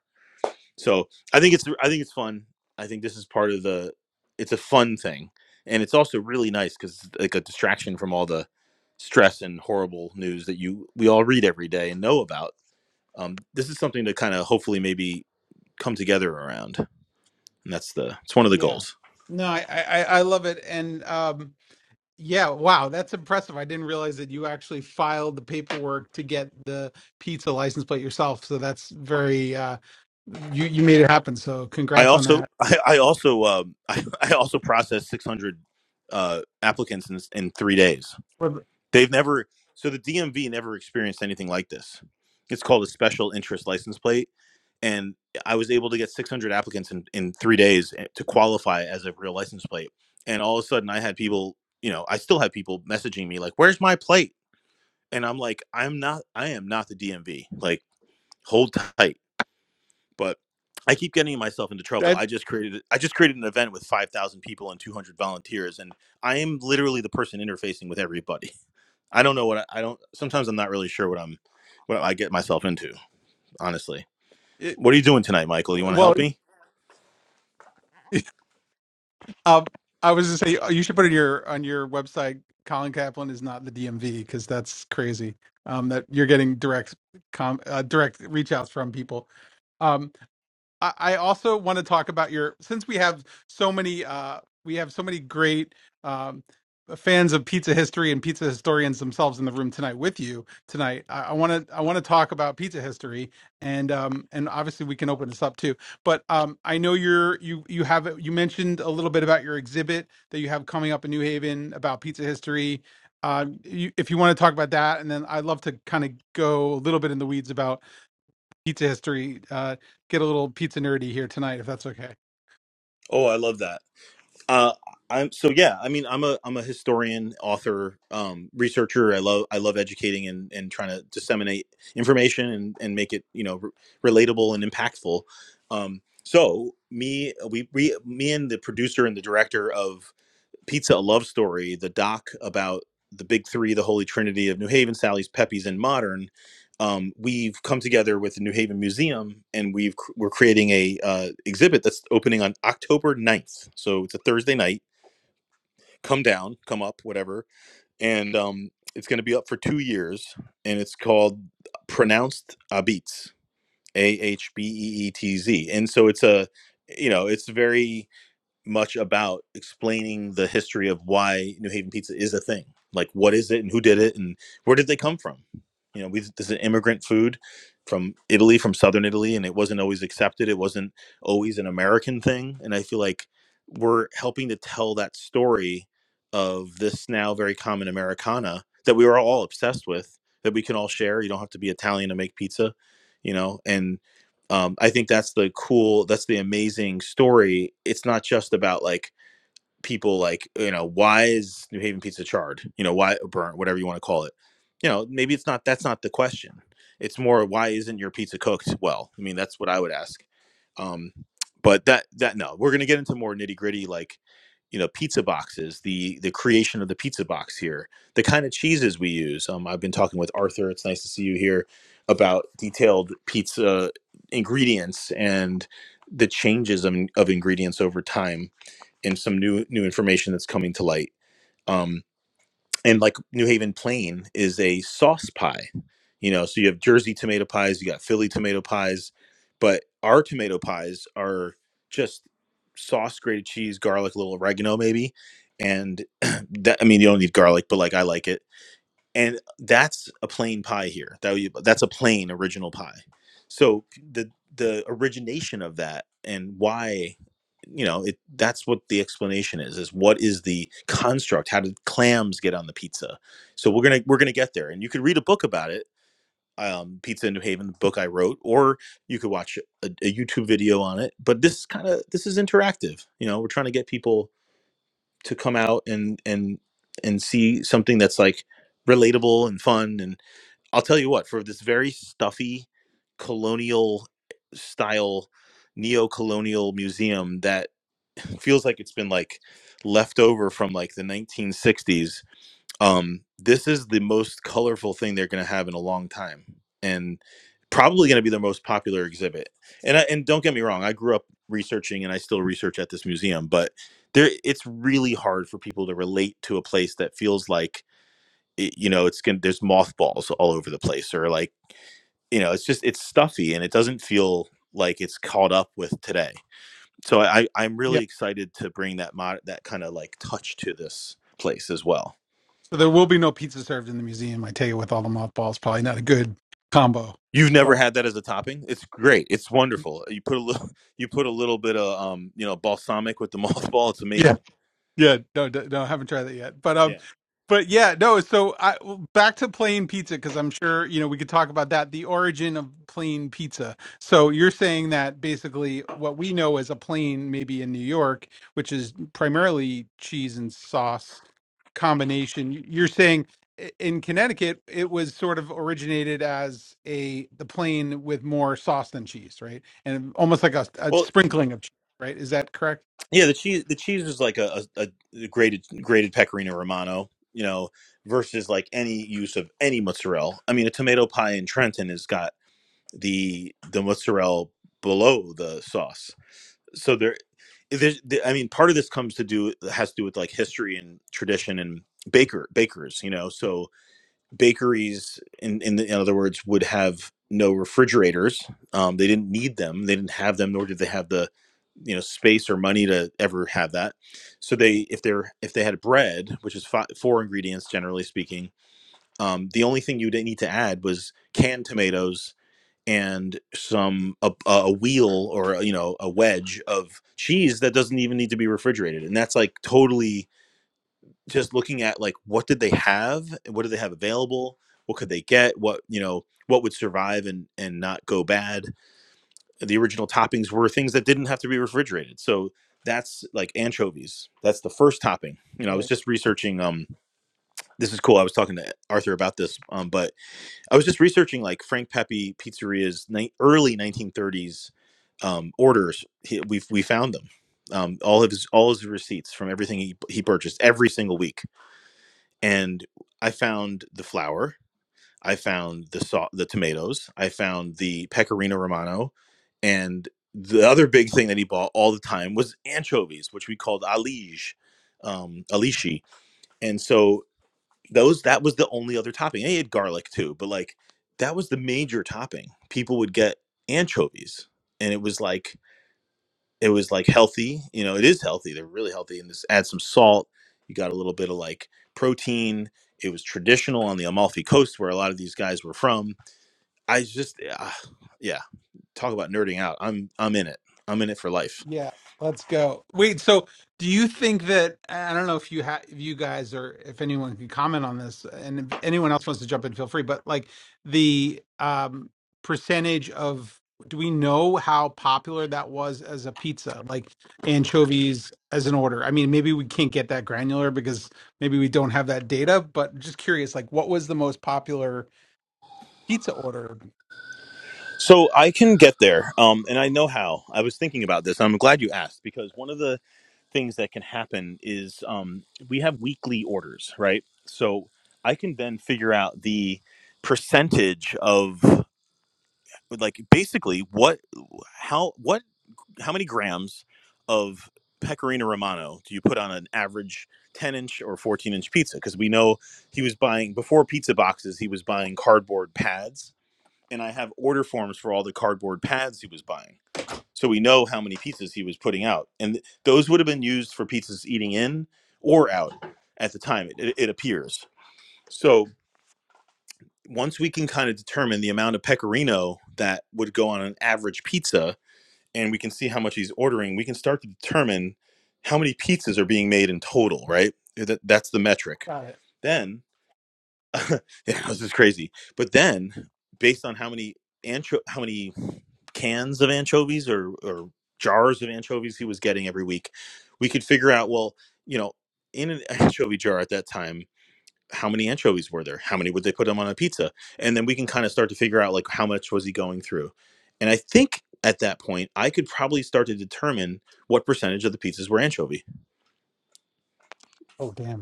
B: so i think it's i think it's fun i think this is part of the it's a fun thing and it's also really nice because it's like a distraction from all the stress and horrible news that you we all read every day and know about um, this is something to kind of hopefully maybe come together around and that's the it's one of the
A: yeah,
B: goals
A: no, I, I I I love it. And um, Yeah, wow, that's impressive. I didn't realize that you actually filed the paperwork to get the pizza license plate yourself. So that's very uh you you made it happen. So
B: i
A: congrats on
B: also
A: that.
B: i, I also um, I, I also processed 600 uh, applicants in, in three days
A: Well,
B: They've never so the DMV never experienced anything like this. It's called a special interest license plate, and I was able to get 600 applicants in in three days eh, to qualify as a real license plate. And all of a sudden, I had people, you know, I still have people messaging me like, "Where's my plate?" And I'm like, "I'm not. I am not the DMV. Like, hold tight." But I keep getting myself into trouble.
A: That
B: I just created I just created an event with 5,000 people and 200 volunteers, and I am literally the person interfacing with everybody I don't know what I, I don't. Sometimes I'm not really sure what I'm, what I get myself into. Honestly,
A: it,
B: what are you doing tonight, Michael? You want to
A: well,
B: help me?
A: um I was to say uh, you should put it in your on your website Colin Kaplan is not the DMV cuz that's crazy. Um that you're getting direct com uh, direct reach outs from people. Um, I I also want to talk about your since we have so many uh we have so many great um fans of pizza history and pizza historians themselves in the room tonight with you tonight. I want to I want to talk about pizza history and um and obviously we can open this up too. But um I know you're you you have you mentioned a little bit about your exhibit that you have coming up in New Haven about pizza history. Um, you, if you want to talk about that, and then I'd love to kind of go a little bit in the weeds about pizza history, uh, get a little pizza nerdy here tonight, if that's okay.
B: Oh, I love that. Uh, I'm so yeah. I mean, I'm a I'm a historian, author, um, researcher. I love I love educating and, and trying to disseminate information and, and make it you know re- relatable and impactful. Um, so me we, we me and the producer and the director of Pizza a Love Story, the doc about the big three, the Holy Trinity of New Haven, Sally's, Pepe's, and Modern. Um, we've come together with the New Haven Museum, and we've we're creating a uh, exhibit that's opening on October ninth. So it's a Thursday night. Come down, come up, whatever, and um, it's going to be up for two years, and it's called pronounced Abetz, A H B E E T Z, and so it's a you know it's very much about explaining the history of why New Haven pizza is a thing. Like, what is it and who did it and where did they come from? You know, we, this is an immigrant food from Italy, from southern Italy, and it wasn't always accepted. It wasn't always an American thing. And I feel like we're helping to tell that story of this now very common Americana that we were all obsessed with, that we can all share. You don't have to be Italian to make pizza, you know, and um, I think that's the cool, that's the amazing story. It's not just about like people like you know why is new haven pizza charred you know why burnt whatever you want to call it you know maybe it's not that's not the question it's more why isn't your pizza cooked well i mean that's what i would ask um but that that no we're going to get into more nitty gritty like you know pizza boxes the the creation of the pizza box here the kind of cheeses we use um i've been talking with arthur it's nice to see you here about detailed pizza ingredients and the changes of, of ingredients over time and some new new information that's coming to light. Um, and like New Haven Plain is a sauce pie, you know. So you have Jersey tomato pies, you got Philly tomato pies, but our tomato pies are just sauce, grated cheese, garlic, a little oregano maybe, and that I mean you don't need garlic, but like I like it and that's a plain pie here. That you, that's a plain original pie. So the the origination of that and why, you know, it that's what the explanation is. Is what is the construct? How did clams get on the pizza? So we're gonna we're gonna get there, and you could read a book about it. Um, pizza in New Haven, the book I wrote, or you could watch a, a YouTube video on it. But this kind of this is interactive. You know, we're trying to get people to come out and and and see something that's like relatable and fun and i'll tell you what for this very stuffy colonial style neo-colonial museum that feels like it's been like left over from like the 1960s um, this is the most colorful thing they're going to have in a long time, and probably going to be their most popular exhibit. And I, and don't get me wrong, I grew up researching, and I still research at this museum, but there it's really hard for people to relate to a place that feels like it, you know it's going there's mothballs all over the place, or like you know it's just it's stuffy and it doesn't feel like it's caught up with today. So I, I'm
A: Yeah.
B: really excited to bring that mod, that kind of like touch to this place as well.
A: So there will be no pizza served in the museum. I tell you, with all the mothballs, probably not a good combo.
B: You've never
A: But
B: had that as a topping? It's great. It's wonderful. Uh, You put a little you put a little bit of um, you know, balsamic with the mothball. It's
A: yeah,
B: amazing.
A: Yeah, no, d- no, I haven't tried that yet. But um,
B: Yeah.
A: but yeah, no. So I well, back to plain pizza because I'm sure you know we could talk about that. The origin of plain pizza. So you're saying that basically what we know as a plain, maybe in New York, which is primarily cheese and sauce combination. y- You're saying i- in Connecticut it was sort of originated as a the plain with more sauce than cheese, right? And almost like a, a
B: Well,
A: sprinkling of cheese, right? Is that correct?
B: yeah, the cheese the cheese is like a, a, a grated grated pecorino romano, you know, versus like any use of any mozzarella. I mean, a tomato pie in Trenton has got the the mozzarella below the sauce. So there there's, there- I mean, part of this comes to do has to do with like history and tradition and baker bakers, you know. So bakeries in in, the, in other words would have no refrigerators um, they didn't need them they didn't have them nor did they have the you know space or money to ever have that so they if they're if they had bread which is fi four ingredients generally speaking um, the only thing you would need to add was canned tomatoes and some a, a wheel or you know a wedge of cheese that doesn't even need to be refrigerated and that's like totally just looking at like what did they have what did they have available what could they get what you know what would survive and and not go bad the original toppings were things that didn't have to be refrigerated so that's like anchovies that's the first topping you know i was just researching um this is cool i was talking to arthur about this um but i was just researching like frank pepe pizzeria's ni- early 1930s um orders he, we we found them um all of his all his receipts from everything he, he purchased every single week and I found the flour, I found the salt, the tomatoes, I found the pecorino romano, and the other big thing that he bought all the time was anchovies, which we called alige, um, alishi, and so those that was the only other topping. And he had garlic too, but like that was the major topping. People would get anchovies, and it was like it was like healthy you know it is healthy they're really healthy and just add some salt you got a little bit of like protein it was traditional on the amalfi coast where a lot of these guys were from i just uh, yeah talk about nerding out i'm i'm in it i'm in it for life
A: Yeah, let's go. Wait, so do you think that I don't know if you have if you guys or if anyone can comment on this, and if anyone else wants to jump in, feel free. But like the um percentage of do we know how popular that was as a pizza, like anchovies as an order? I mean, maybe we can't get that granular because maybe we don't have that data, but just curious, like what was the most popular pizza order?
B: so i can get there um and i know how i was thinking about this i'm glad you asked because one of the things that can happen is um, we have weekly orders, right? So I can then figure out the percentage of like basically what how what how many grams of pecorino romano do you put on an average 10 inch or 14 inch pizza because we know he was buying before pizza boxes he was buying cardboard pads and i have order forms for all the cardboard pads he was buying so we know how many pizzas he was putting out and th- those would have been used for pizzas eating in or out at the time it, it it appears so once we can kind of determine the amount of pecorino that would go on an average pizza and we can see how much he's ordering, we can start to determine how many pizzas are being made in total, right? That, that's the metric.
A: Got it.
B: Then, yeah, this is crazy. But then, based on how many ancho- how many cans of anchovies or, or jars of anchovies he was getting every week, we could figure out, well, you know, in an anchovy jar at that time, how many anchovies were there? How many would they put them on a pizza? And then we can kind of start to figure out like how much was he going through. And I think at that point, I could probably start to determine what percentage of the pizzas were anchovy.
A: Oh, damn.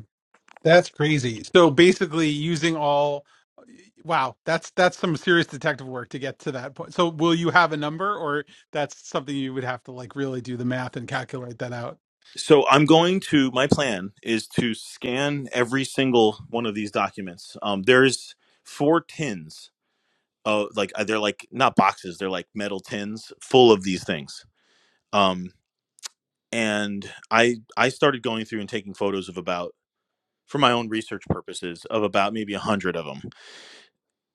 A: That's crazy. So basically, using all wow, that's that's some serious detective work to get to that point. So will you have a number, or that's something you would have to like really do the math and calculate that out?
B: So I'm going to my plan is to scan every single one of these documents. Um, there's four tins of like uh, they're like not boxes, they're like metal tins full of these things. Um, and i i started going through and taking photos of about for my own research purposes of about maybe a 100 of them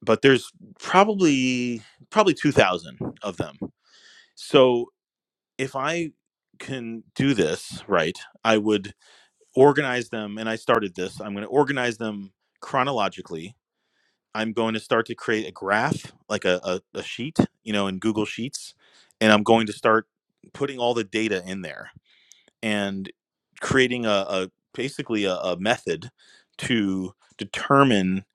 B: but there's probably probably 2000 of them so if i can do this right i would organize them and i started this i'm going to organize them chronologically i'm going to start to create a graph like a, a, a sheet you know in google sheets and i'm going to start putting all the data in there and creating a, a basically a, a method to determine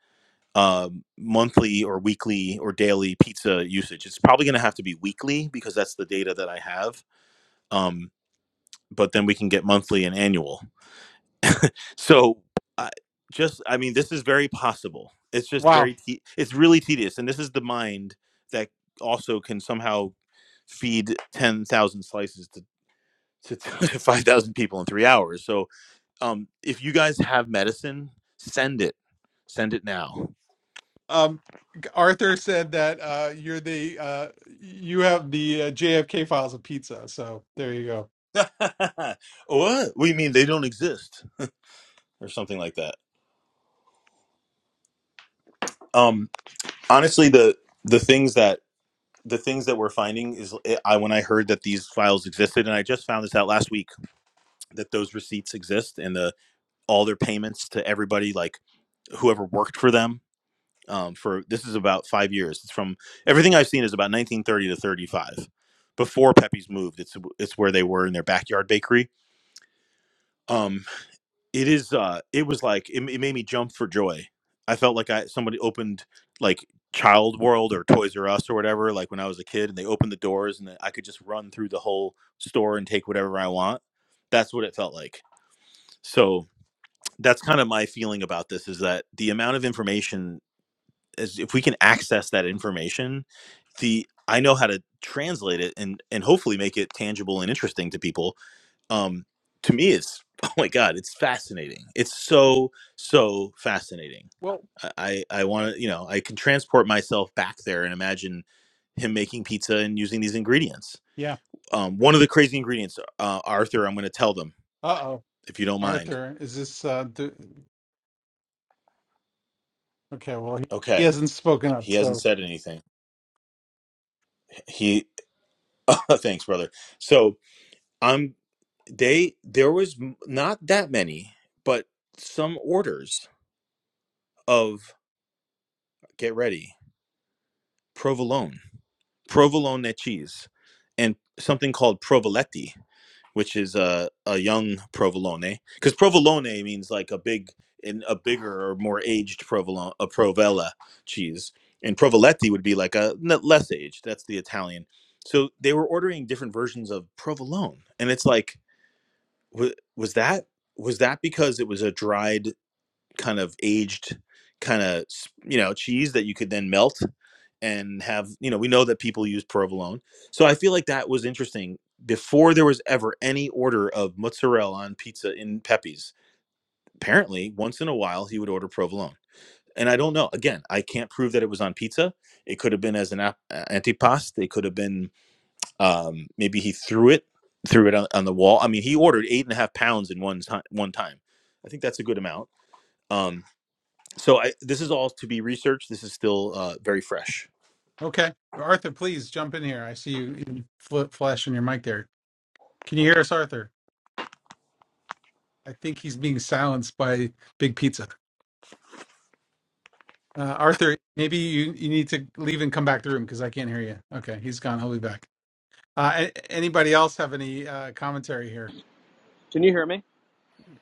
B: uh, monthly or weekly or daily pizza usage. It's probably going to have to be weekly because that's the data that I have. Um, but then we can get monthly and annual. So I just, I mean, this is very possible. It's just
A: Wow.
B: very, te- it's really tedious. And this is the mind that also can somehow feed 10,000 slices to, to, to 5,000 people in three hours. So um, if you guys have medicine, send it. Send it now.
A: Um, Arthur said that uh, you're the uh, you have the uh, JFK files of pizza. So there you go.
B: what? What do you mean they don't exist or something like that? Um, honestly, the the things that the things that we're finding is eh, I when I heard that these files existed, and I just found this out last week that those receipts exist and the all their payments to everybody, like whoever worked for them. Um, for this is about five years. It's from everything I've seen is about 1930 to 35. Before Pepe's moved, it's it's where they were in their backyard bakery um it is uh it was like it, it made me jump for joy i felt like i somebody opened like child world or toys r us or whatever like when i was a kid and they opened the doors and i could just run through the whole store and take whatever i want that's what it felt like so that's kind of my feeling about this is that the amount of information is if we can access that information the i know how to translate it and and hopefully make it tangible and interesting to people um to me it's oh my god it's fascinating it's so so fascinating
A: Well,
B: i i want to you know i can transport myself back there and imagine him making pizza and using these ingredients
A: yeah.
B: um one of the crazy ingredients uh, arthur i'm going to tell them
A: Uh oh,
B: if you don't mind
A: Arthur, is this uh, do, okay? Well, he, he
B: okay
A: hasn't spoken up,
B: he
A: so.
B: hasn't said anything he thanks brother so i'm they there was m- not that many but some orders of get ready provolone provolone cheese and something called provoletti, which is a, a young provolone. Because provolone means like a big, in a bigger or more aged provolone, a provella cheese, and provoletti would be like a less aged. That's the Italian. So they were ordering different versions of provolone, and it's like, wa- was that was that because it was a dried kind of aged kind of you know cheese that you could then melt and have you know we know that people use provolone so i feel like that was interesting before there was ever any order of mozzarella on pizza in pepe's apparently once in a while he would order provolone and i don't know again i can't prove that it was on pizza it could have been as an ap- uh, antipasto it could have been um, maybe he threw it threw it on, on the wall i mean he ordered eight and a half pounds in one time one time i think that's a good amount um, so I, this is all to be researched this is still uh, very fresh
A: Okay. Arthur, please jump in here. I see you flip flashing your mic there. Can you hear us, Arthur? I think he's being silenced by Big Pizza. Uh, Arthur, maybe you, you need to leave and come back to the room because I can't hear you. Okay, he's gone. He'll be back. Uh, a- anybody else have any uh, commentary here?
F: Can you hear me?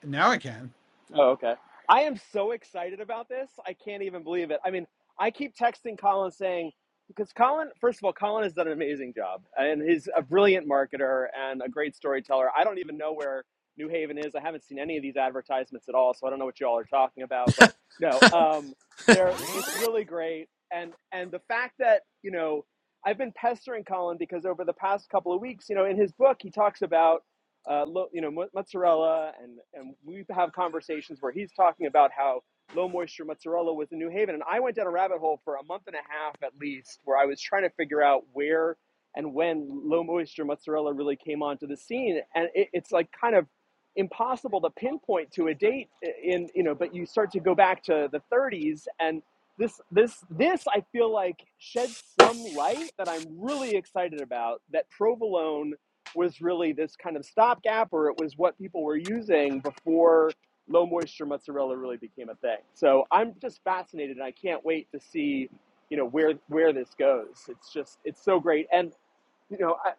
A: Now I can.
F: Oh, okay. I am so excited about this. I can't even believe it. I mean, I keep texting Colin saying, because Colin, first of all, Colin has done an amazing job and he's a brilliant marketer and a great storyteller. I don't even know where New Haven is. I haven't seen any of these advertisements at all, so I don't know what you all are talking about, but no, um, there it's really great. And, and the fact that, you know, I've been pestering Colin because over the past couple of weeks, you know, in his book, he talks about uh, lo- you know, mozzarella, and and we have conversations where he's talking about how low moisture mozzarella was in New Haven, and I went down a rabbit hole for a month and a half at least, where I was trying to figure out where and when low moisture mozzarella really came onto the scene, and it, it's like kind of impossible to pinpoint to a date in you know but you start to go back to the 30s and this this this i feel like sheds some light that i'm really excited about that provolone was really this kind of stopgap, or it was what people were using before low moisture mozzarella really became a thing. So I'm just fascinated, and I can't wait to see, you know, where where this goes. It's just it's so great, and you know, I,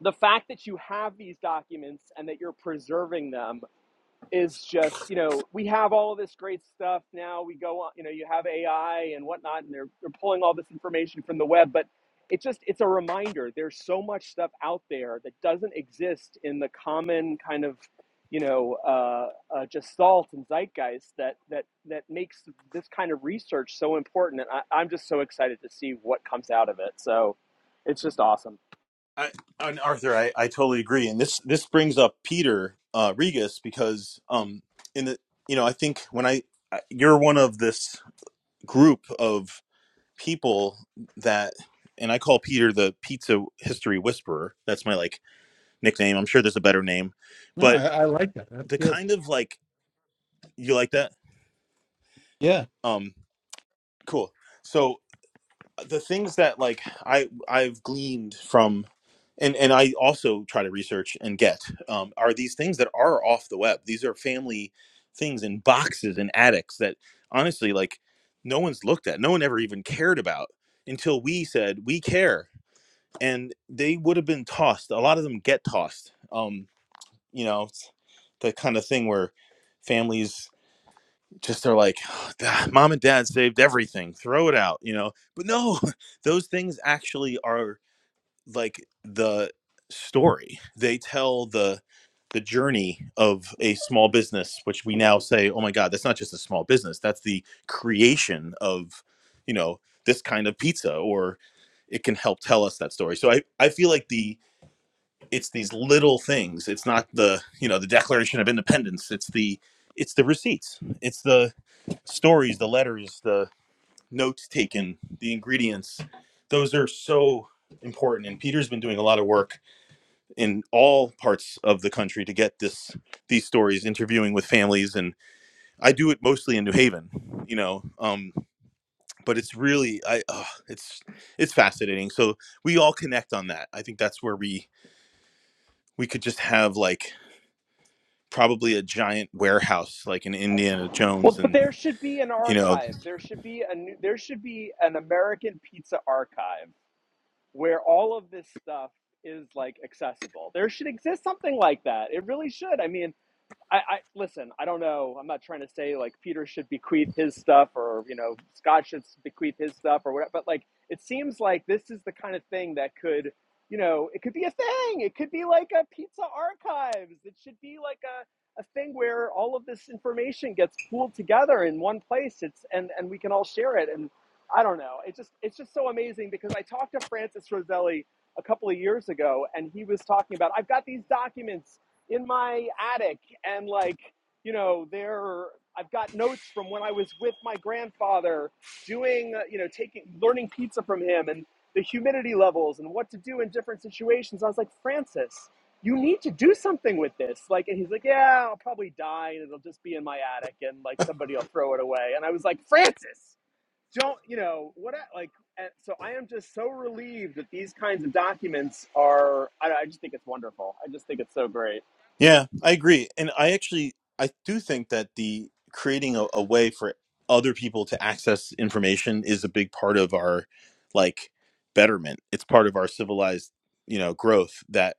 F: the fact that you have these documents and that you're preserving them is just you know we have all of this great stuff now we go on you know you have ai and whatnot and they're, they're pulling all this information from the web but it just it's a reminder there's so much stuff out there that doesn't exist in the common kind of you know uh, uh, just and zeitgeist that that that makes this kind of research so important and I, i'm just so excited to see what comes out of it so it's just awesome
B: I, and Arthur, I, I totally agree, and this this brings up Peter uh, Regus because um in the you know I think when I I- you're one of this group of people that and I call Peter the pizza history whisperer. That's my like nickname. I'm sure there's a better name,
A: No,
B: but
A: I, I like that. That's
B: the
A: good.
B: kind of like you like that.
A: Yeah.
B: Um, cool. So the things that like I I've gleaned from and and I also try to research and get um, are these things that are off the web. These are family things in boxes and attics that honestly like no one's looked at. No one ever even cared about until we said we care. And they would have been tossed. A lot of them get tossed. Um, you know, it's the kind of thing where families just are like "Ugh, mom and dad saved everything throw it out you know but no those things actually are like the story they tell the the journey of a small business which we now say oh my god that's not just a small business that's the creation of you know this kind of pizza or it can help tell us that story so i i feel like the it's these little things it's not the you know the declaration of independence it's the it's the receipts it's the stories, the letters, the notes taken, the ingredients, those are so important. And Peter's been doing a lot of work in all parts of the country to get this these stories, interviewing with families, and I do it mostly in New Haven, you know. Um, but it's really I uh, it's it's fascinating. So we all connect on that. I think that's where we we could just have like probably a giant warehouse like in Indiana
F: Well,
B: Jones
F: but there
B: and
F: should be an
B: you know.
F: archive. There should be a new, there should be an American pizza archive where all of this stuff is like accessible. There should exist something like that. It really should. I mean, I, I listen. I don't know. I'm not trying to say like Peter should bequeath his stuff or you know Scott should bequeath his stuff or whatever. But like, it seems like this is the kind of thing that could, you know, it could be a thing. It could be like a pizza archives. It should be like a, a thing where all of this information gets pooled together in one place. It's and and we can all share it. And I don't know. It's just it's just so amazing because I talked to Francis Roselli a couple of years ago, and he was talking about I've got these documents in my attic and like you know there i've got notes from when i was with my grandfather doing uh, you know taking learning pizza from him and the humidity levels and what to do in different situations i was like francis you need to do something with this like and he's like yeah i'll probably die and it'll just be in my attic and like somebody will throw it away and i was like francis don't you know what I, like and so i am just so relieved that these kinds of documents are i, I just think it's wonderful i just think it's so great
B: Yeah, I agree. And I actually I do think that the creating a, a way for other people to access information is a big part of our like betterment. It's part of our civilized, you know, growth that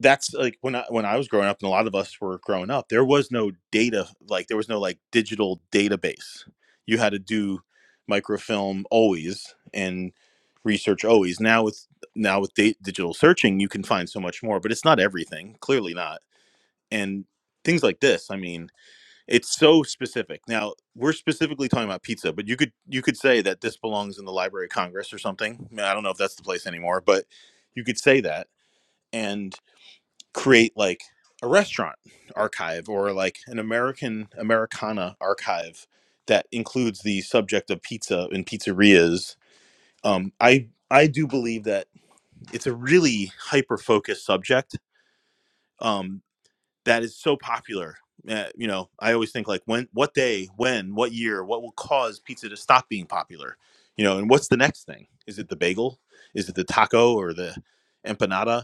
B: that's like when I when I was growing up and a lot of us were growing up, there was no data like there was no like digital database. You had to do microfilm always and research always. Now with now with da- digital searching, you can find so much more, but it's not everything, clearly not and things like this i mean it's so specific now we're specifically talking about pizza but you could you could say that this belongs in the library of congress or something i, mean, I don't know if that's the place anymore but you could say that and create like a restaurant archive or like an american americana archive that includes the subject of pizza and pizzerias um, i i do believe that it's a really hyper focused subject Um, that is so popular. Uh, you know, I always think like when, what day, when, what year, what will cause pizza to stop being popular? You know, and what's the next thing? Is it the bagel? Is it the taco or the empanada?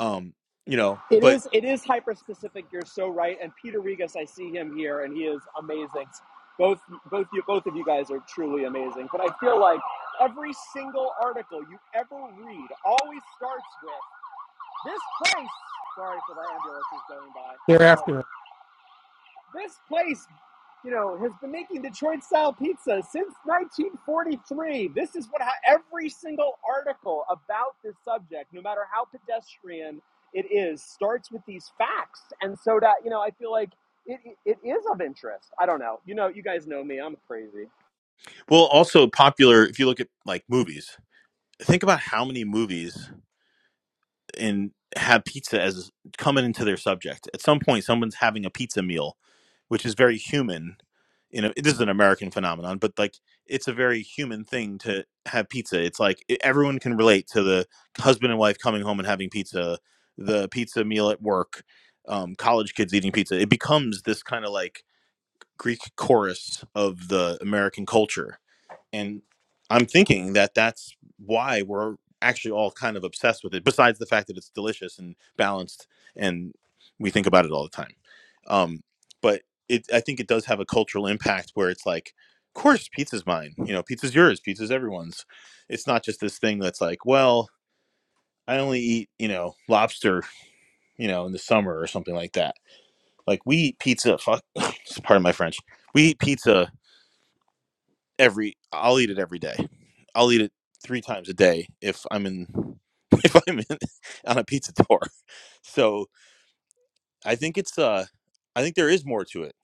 B: Um, you know,
F: It
B: but
F: is it is hyper specific. You're so right. And Peter Regas, I see him here, and he is amazing. Both both you both of you guys are truly amazing. But I feel like every single article you ever read always starts with this place. Sorry for the ambulances going by. Um,
A: Thereafter.
F: this place, you know, has been making Detroit style pizza since 1943. This is what every single article about this subject, no matter how pedestrian it is, starts with these facts. And so that, you know, I feel like it, it, it is of interest. I don't know. You know, you guys know me. I'm crazy.
B: well, also popular. If you look at like movies, think about how many movies and have pizza as coming into their subject. At some point, someone's having a pizza meal, which is very human you know this is an american phenomenon but like it's a very human thing to have pizza it's like e- everyone can relate to the husband and wife coming home and having pizza the pizza meal at work um, college kids eating pizza it becomes this kind of like greek chorus of the american culture and i'm thinking that that's why we're actually all kind of obsessed with it besides the fact that it's delicious and balanced and we think about it all the time um but it i think it does have a cultural impact where it's like of course pizza's mine you know pizza's yours pizza's everyone's it's not just this thing that's like well i only eat you know lobster you know in the summer or something like that like we eat pizza fuck pardon my french we eat pizza every I'll eat it every day. I'll eat it three times a day if I'm in if I'm in, on a pizza tour. So I think it's uh I think there is more to it.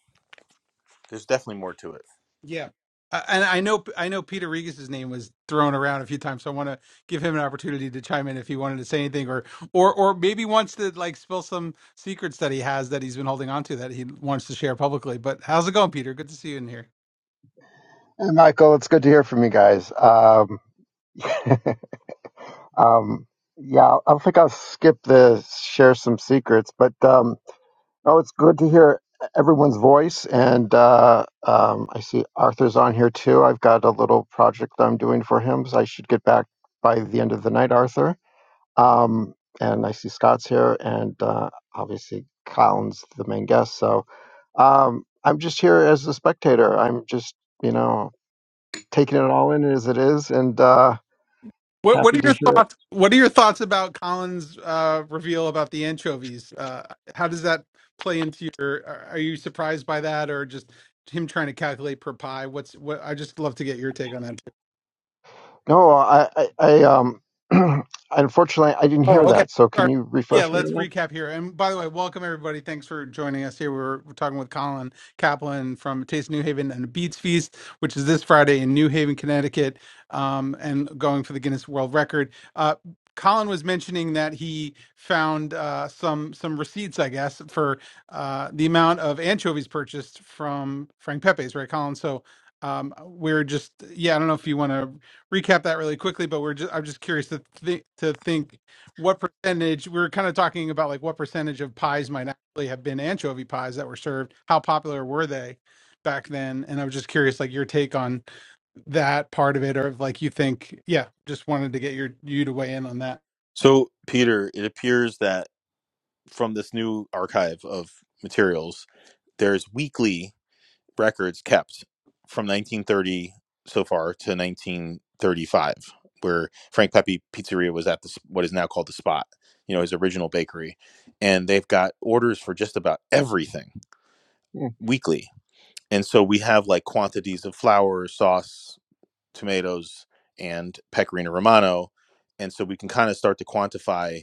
B: There's definitely more to it.
A: Yeah. Uh, and I know I know Peter Regis's name was thrown around a few times, so I want to give him an opportunity to chime in if he wanted to say anything, or or or maybe wants to like spill some secrets that he has that he's been holding on to that he wants to share publicly. But how's it going, Peter? Good to see you in here.
G: Hey, Michael, it's good to hear from you guys. Um, um, yeah, I think I'll skip the share some secrets, but um, oh, it's good to hear everyone's voice. And uh, um, I see Arthur's on here too. I've got a little project I'm doing for him, so I should get back by the end of the night, Arthur. Um, and I see Scott's here, and uh, obviously Colin's the main guest. So um, I'm just here as a spectator. I'm just, you know taking it all in as it is, and uh,
A: What what
G: happy
A: are
G: to
A: your
G: hear it.
A: thoughts? What are your thoughts about Colin's uh, reveal about the anchovies? Uh, how does that play into your? Are are you surprised by that, or just him trying to calculate per pie? What's what? I just love to get your take on that.
G: No, I, I, I um, unfortunately, I didn't
A: Oh,
G: hear
A: okay.
G: that. So can
A: Sorry.
G: you
A: Yeah,
G: refresh me
A: let's
G: on that?
A: recap here. And by the way, welcome everybody. Thanks for joining us here. We're, we're talking with Colin Kaplan from Taste of New Haven and the Beats Feast, which is this Friday in New Haven, Connecticut, um, and going for the Guinness World Record. Uh, Colin was mentioning that he found uh, some some receipts, I guess, for uh, the amount of anchovies purchased from Frank Pepe's, right, Colin? So um, we're just, yeah, I don't know if you want to recap that really quickly, but we're just, I'm just curious to, th- to think what percentage we were kind of talking about like what percentage of pies might actually have been anchovy pies that were served how popular were they back then and i was just curious like your take on that part of it or if like you think yeah just wanted to get your you to weigh in on
B: So Peter, it appears that from this new archive of materials, there's weekly records kept from 1930 so far to 1935, where Frank Pepe Pizzeria was at the, what is now called the Spot, you know, his original bakery, and they've got orders for just about everything
G: Yeah.
B: weekly, and so we have like quantities of flour, sauce, tomatoes, and pecorino romano, and so we can kind of start to quantify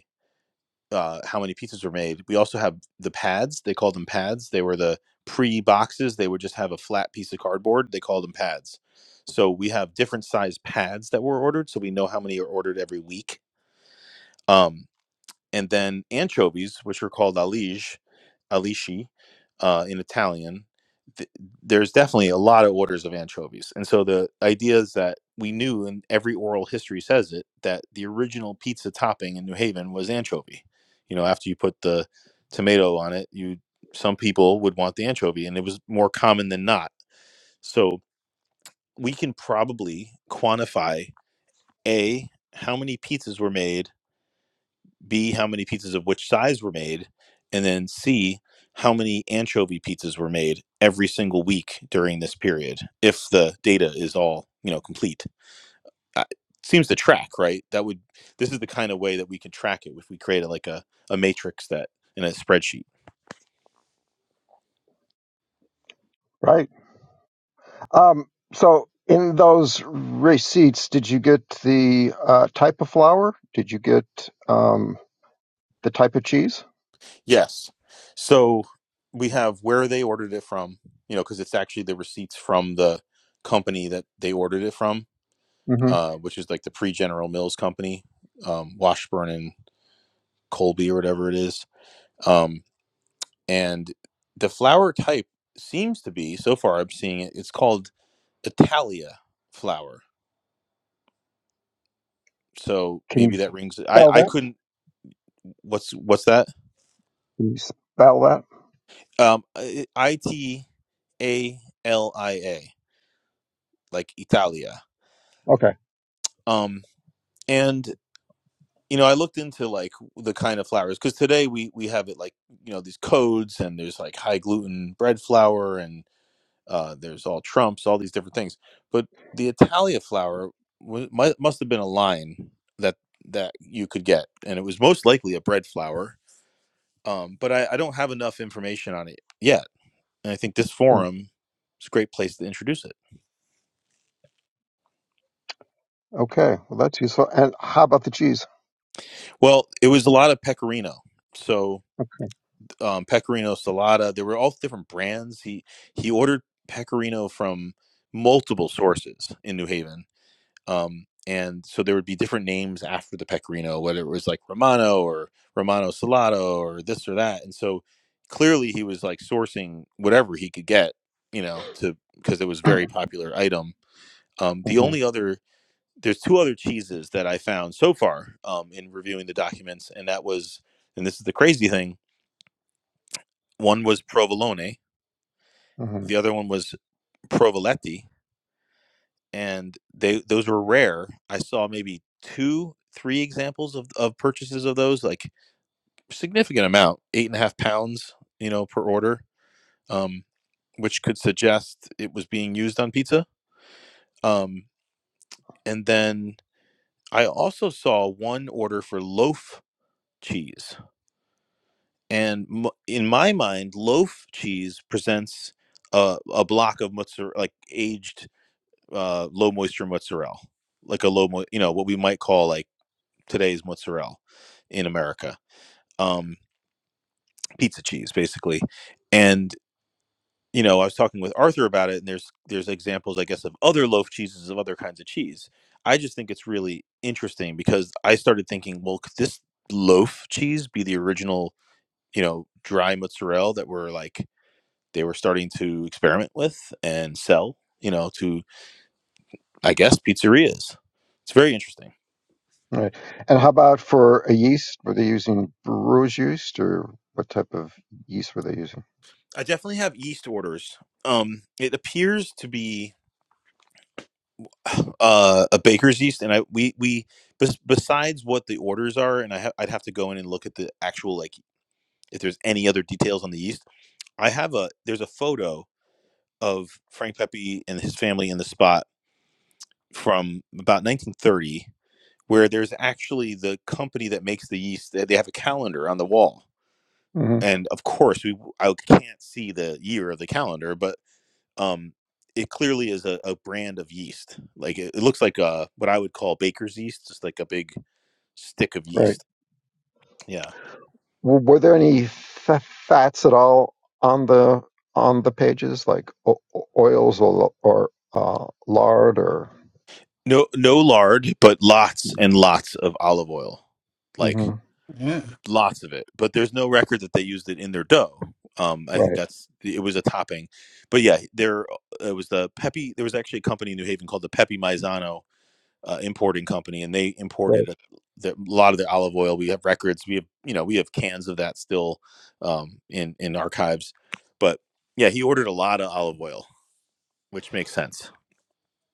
B: uh, how many pizzas were made. We also have the pads. They called them pads. They were the pre boxes. They would just have a flat piece of cardboard. They called them pads. So we have different size pads that were ordered. So we know how many are ordered every week. Um, and then anchovies, which are called alige, alici, uh, in Italian. Th- there's definitely a lot of orders of anchovies, and so the idea is that we knew, and every oral history says it, that the original pizza topping in New Haven was anchovy. You know, after you put the tomato on it, you some people would want the anchovy, and it was more common than not. So we can probably quantify a how many pizzas were made B, how many pizzas of which size were made, and then C, how many anchovy pizzas were made every single week during this period, if the data is all you know complete. Uh, seems to track, right? That would this is the kind of way that we could track it if we created like a, a matrix that in a spreadsheet.
G: Right. Um, so in those receipts, did you get the uh, type of flour? Did you get um, the type of cheese?
B: Yes. So we have where they ordered it from, you know, because it's actually the receipts from the company that they ordered it from,
G: hmm
B: uh, which is like the pre General Mills company, um, Washburn and Colby or whatever it is. Um, and the flour type seems to be, so far I'm seeing it, it's called Italia flour. So
G: Can you
B: maybe that rings. I,
G: spell
B: I
G: that?
B: couldn't. What's what's that?
G: Can you spell that?
B: Um, I T A L I A, like Italia.
G: Okay.
B: Um, and you know i looked into like the kind of flours because today we we have it like you know these codes and there's like high gluten bread flour and uh, there's all trumps all these different things but the italia flour wa- mu- must have been a line that that you could get and it was most likely a bread flour um, but I, I don't have enough information on it yet and i think this
G: Mm.
B: forum is a great place to introduce it
G: Okay. Well, that's useful. And how about the cheese?
B: well it was a lot of pecorino so um, Pecorino Salata. There were all different brands. He he ordered Pecorino from multiple sources in New Haven, um, and so there would be different names after the Pecorino, whether it was like Romano or Romano Salato or this or that. And so clearly he was like sourcing whatever he could get, you know, to because it was a
G: Okay.
B: very popular item. Um, the
G: hmm
B: only other there's two other cheeses that I found so far um, in reviewing the documents, and that was, and this is the crazy thing. One was provolone,
G: hmm
B: The other one was Provoletti, and they those were rare. I saw maybe two, three examples of, of purchases of those, like significant amount, eight and a half pounds, you know, per order, um, which could suggest it was being used on pizza. Um, and then I also saw one order for loaf cheese, and m- in my mind, loaf cheese presents a, a block of mozzarella, like aged uh, low moisture mozzarella, like a low, mo- you know, what we might call like today's mozzarella in America, um, pizza cheese basically. And you know, I was talking with Arthur about it, and there's there's examples, I guess, of other loaf cheeses of other kinds of cheese. I just think it's really interesting because I started thinking, well, could this loaf cheese be the original, you know, dry mozzarella that were like they were starting to experiment with and sell, you know, to I guess pizzerias. It's very interesting.
G: All right. And how about for a yeast? Were they using brewer's yeast or what type of yeast were they using?
B: I definitely have yeast orders. Um, it appears to be uh, a baker's yeast, and I we we bes- besides what the orders are, and I ha- I'd have to go in and look at the actual like if there's any other details on the yeast. I have a there's a photo of Frank Pepe and his family in the spot from about 1930, where there's actually the company that makes the yeast. They they have a calendar on the wall,
G: hmm
B: and of course we I can't see the year of the calendar, but um it clearly is a, a brand of yeast like it, it looks like uh what i would call baker's yeast just like a big stick of
G: Right.
B: yeast yeah
G: W were there any fa fats at all on the on the pages, like o o- oils or or uh, lard or?
B: no no lard but lots and lots of olive oil like
G: Mhm.
A: that
B: lots of it but there's no record that they used it in their dough um i think
G: Right.
B: that's it was a topping but yeah there uh, it was the Pepe. there was actually a company in new haven called the Pepe maizano uh, importing company, and they
G: Right.
B: imported a, the, a lot of their olive oil. We have records. We have you know we have cans of that still um, in in archives. But yeah, he ordered a lot of olive oil which makes sense.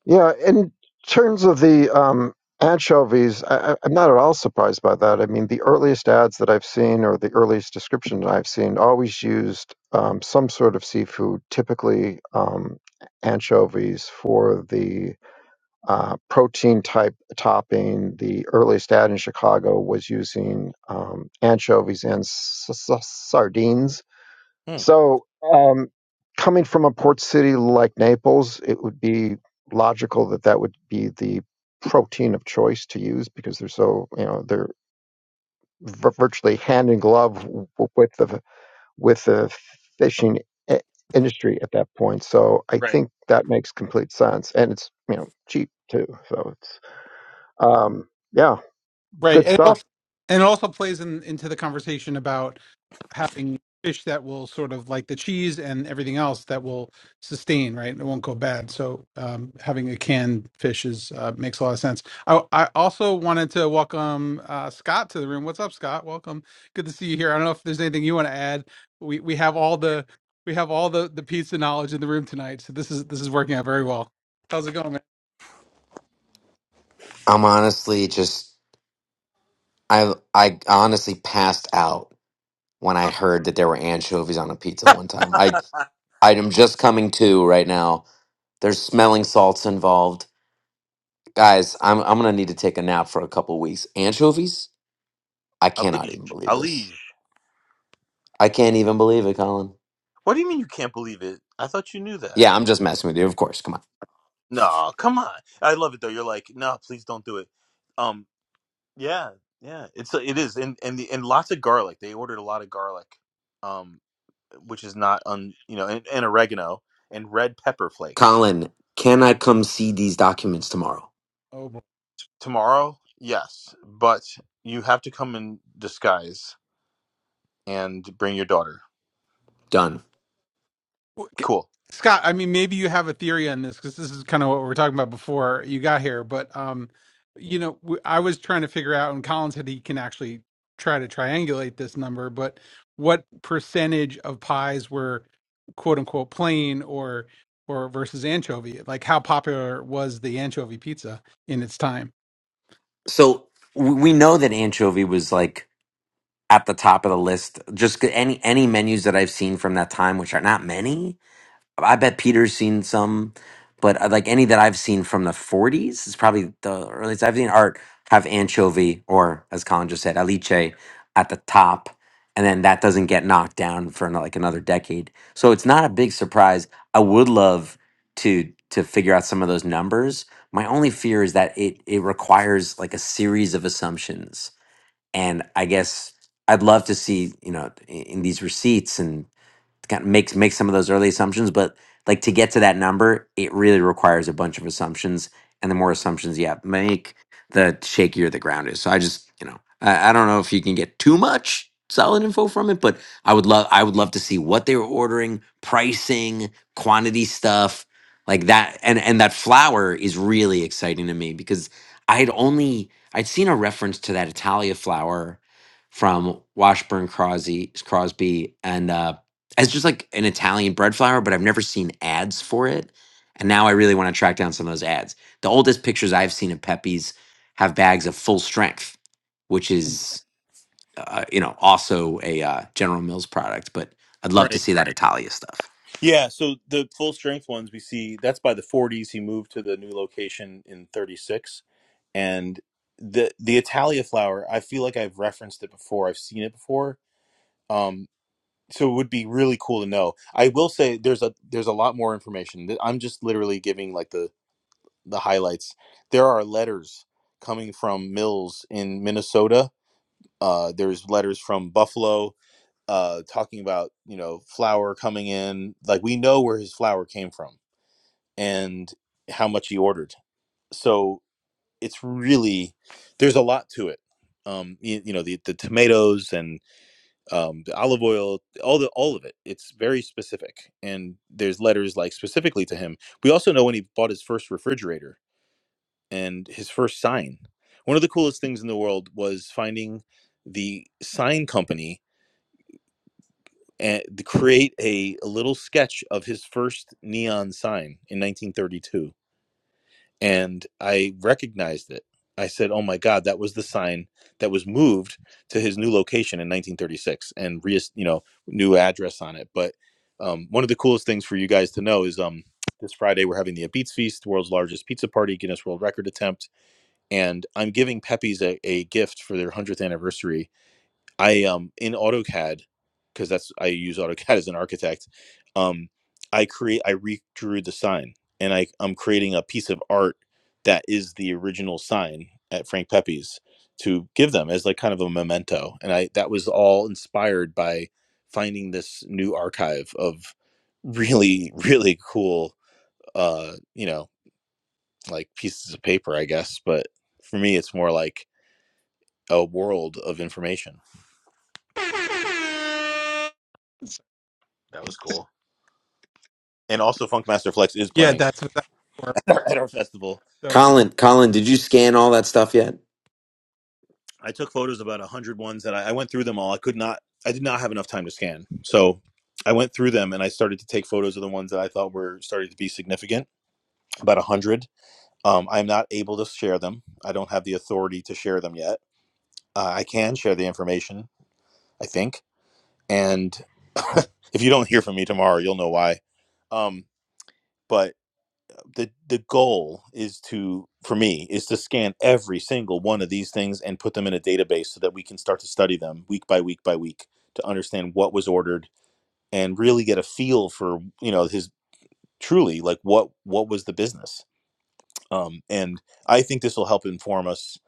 G: Yeah, in terms of the um, anchovies, I, I- I'm not at all surprised by that. I mean, the earliest ads that I've seen or the earliest description that I've seen always used um, some sort of seafood, typically um, anchovies for the uh, protein type topping. The earliest ad in Chicago was using um, anchovies and s- s- sardines
B: Hmm.
G: so, um, coming from a port city like Naples, it would be logical that that would be the protein of choice to use because they're so, you know, they're vir- virtually hand in glove w- with the with the fishing i- industry at that point. So, I
B: Right.
G: think that makes complete sense, and it's you know cheap too. So it's um, yeah,
A: Right.
G: good
A: And it
G: stuff.
A: also, and it also plays in, into the conversation about having fish that will sort of like the cheese and everything else that will sustain, right? It won't go bad. So um, having a canned fish is uh, makes a lot of sense. I, I also wanted to welcome uh, Scott to the room. What's up, Scott? Welcome. Good to see you here. I don't know if there's anything you want to add. We we have all the we have all the the pizza knowledge in the room tonight. So this is this is working out very well. How's it going, man?
H: I'm honestly just I I honestly passed out when I heard that there were anchovies on a pizza one time. I I'm just coming to right now. There's smelling salts involved. Guys, I'm I'm gonna need to take a nap for a couple weeks. Anchovies? I cannot even believe this.
B: Alige.
H: I can't even believe it, Colin.
B: What do you mean you can't believe it? I thought you knew that.
H: Yeah, I'm just messing with you, of course. Come on.
B: No, come on. I love it though. You're like, no, please don't do it. Um. Yeah, yeah. It's uh, it is, and and the, and lots of garlic. They ordered a lot of garlic, um, which is not un you know, and, and oregano and red pepper flakes.
H: Colin, can I come see these documents tomorrow?
A: Oh,
B: Tomorrow, yes, but you have to come in disguise and bring your daughter.
H: Done.
A: Well,
B: Cool.
A: Scott, I mean, maybe you have a theory on this because this is kind of what we were talking about before you got here. But um, you know, w- I was trying to figure out, and Colin said he can actually try to triangulate this number. But what percentage of pies were "quote unquote" plain or or versus anchovy? Like, how popular was the anchovy pizza in its time?
H: so w- we know that anchovy was like at the top of the list. Just any any menus that I've seen from that time, which are not many, I bet Peter's seen some, but uh, like any that I've seen from the 40s is probably the earliest I've seen art have anchovy or, as Colin just said, aliche at the top, and then that doesn't get knocked down for ano- like another decade. So it's not a big surprise. I would love to to figure out some of those numbers. My only fear is that it it requires like a series of assumptions, and I guess I'd love to see you know in in these receipts and kind of makes make some of those early assumptions, but like to get to that number, it really requires a bunch of assumptions. And the more assumptions you have make, the shakier the ground is. So I just, you know, I, I don't know if you can get too much solid info from it, but I would love I would love to see what they were ordering, pricing, quantity stuff, like that. And and that flour is really exciting to me because I had only I'd seen a reference to that Italia flour from Washburn Crosby, Crosby and uh, as just like an Italian bread flour, but I've never seen ads for it. And now I really want to track down some of those ads. The oldest pictures I've seen of Pepe's have bags of full strength, which is uh, you know also a uh, General Mills product. But I'd love to
B: Right.
H: see that Italia stuff.
B: Yeah, so the full strength ones we see that's by the 40s. He moved to the new location in 36, and the the Italia flower. I feel like I've referenced it before. I've seen it before. Um. so it would be really cool to know. I will say there's a there's a lot more information. Th- I'm just literally giving like the the highlights. There are letters coming from Mills in Minnesota. Uh, there's letters from Buffalo uh, talking about you know flour coming in. Like we know where his flour came from and how much he ordered. So it's really there's a lot to it. Um, you, you know the the tomatoes and um, the olive oil, all the all of it. It's very specific, and there's letters like specifically to him. We also know when he bought his first refrigerator and his first sign. One of the coolest things in the world was finding the sign company and to create a, a little sketch of his first neon sign in 1932 and I recognized it. I said, "Oh my God, that was the sign that was moved to his new location in 1936, and re- you know, new address on it." But um, one of the coolest things for you guys to know is um, this Friday we're having the Beats Feast, the world's largest pizza party, Guinness World Record attempt, and I'm giving Pepe's a, a gift for their 100th anniversary I um in AutoCAD because that's I use AutoCAD as an architect. Um, I create I redrew the sign, and I I'm creating a piece of art that is the original sign at Frank Pepe's to give them as like kind of a memento. And I that was all inspired by finding this new archive of really really cool uh you know like pieces of paper I guess, but for me it's more like a world of information. That was cool. and also Funkmaster Flex is
A: Yeah,
B: playing
A: that's what that was. for.
B: at our, at our festival.
A: That was a call.
H: Colin, Colin, did you scan all that stuff yet?
B: I took photos about a hundred ones, and I, I went through them all. I could not, I did not have enough time to scan, so I went through them and I started to take photos of the ones that I thought were starting to be significant. About a hundred. Um, I'm not able to share them. I don't have the authority to share them yet. Uh, I can share the information, I think, and if you don't hear from me tomorrow, you'll know why. Um, but the the goal is to for me is to scan every single one of these things and put them in a database so that we can start to study them week by week by week to understand what was ordered and really get a feel for you know his truly like what what was the business um, and i think this will help inform us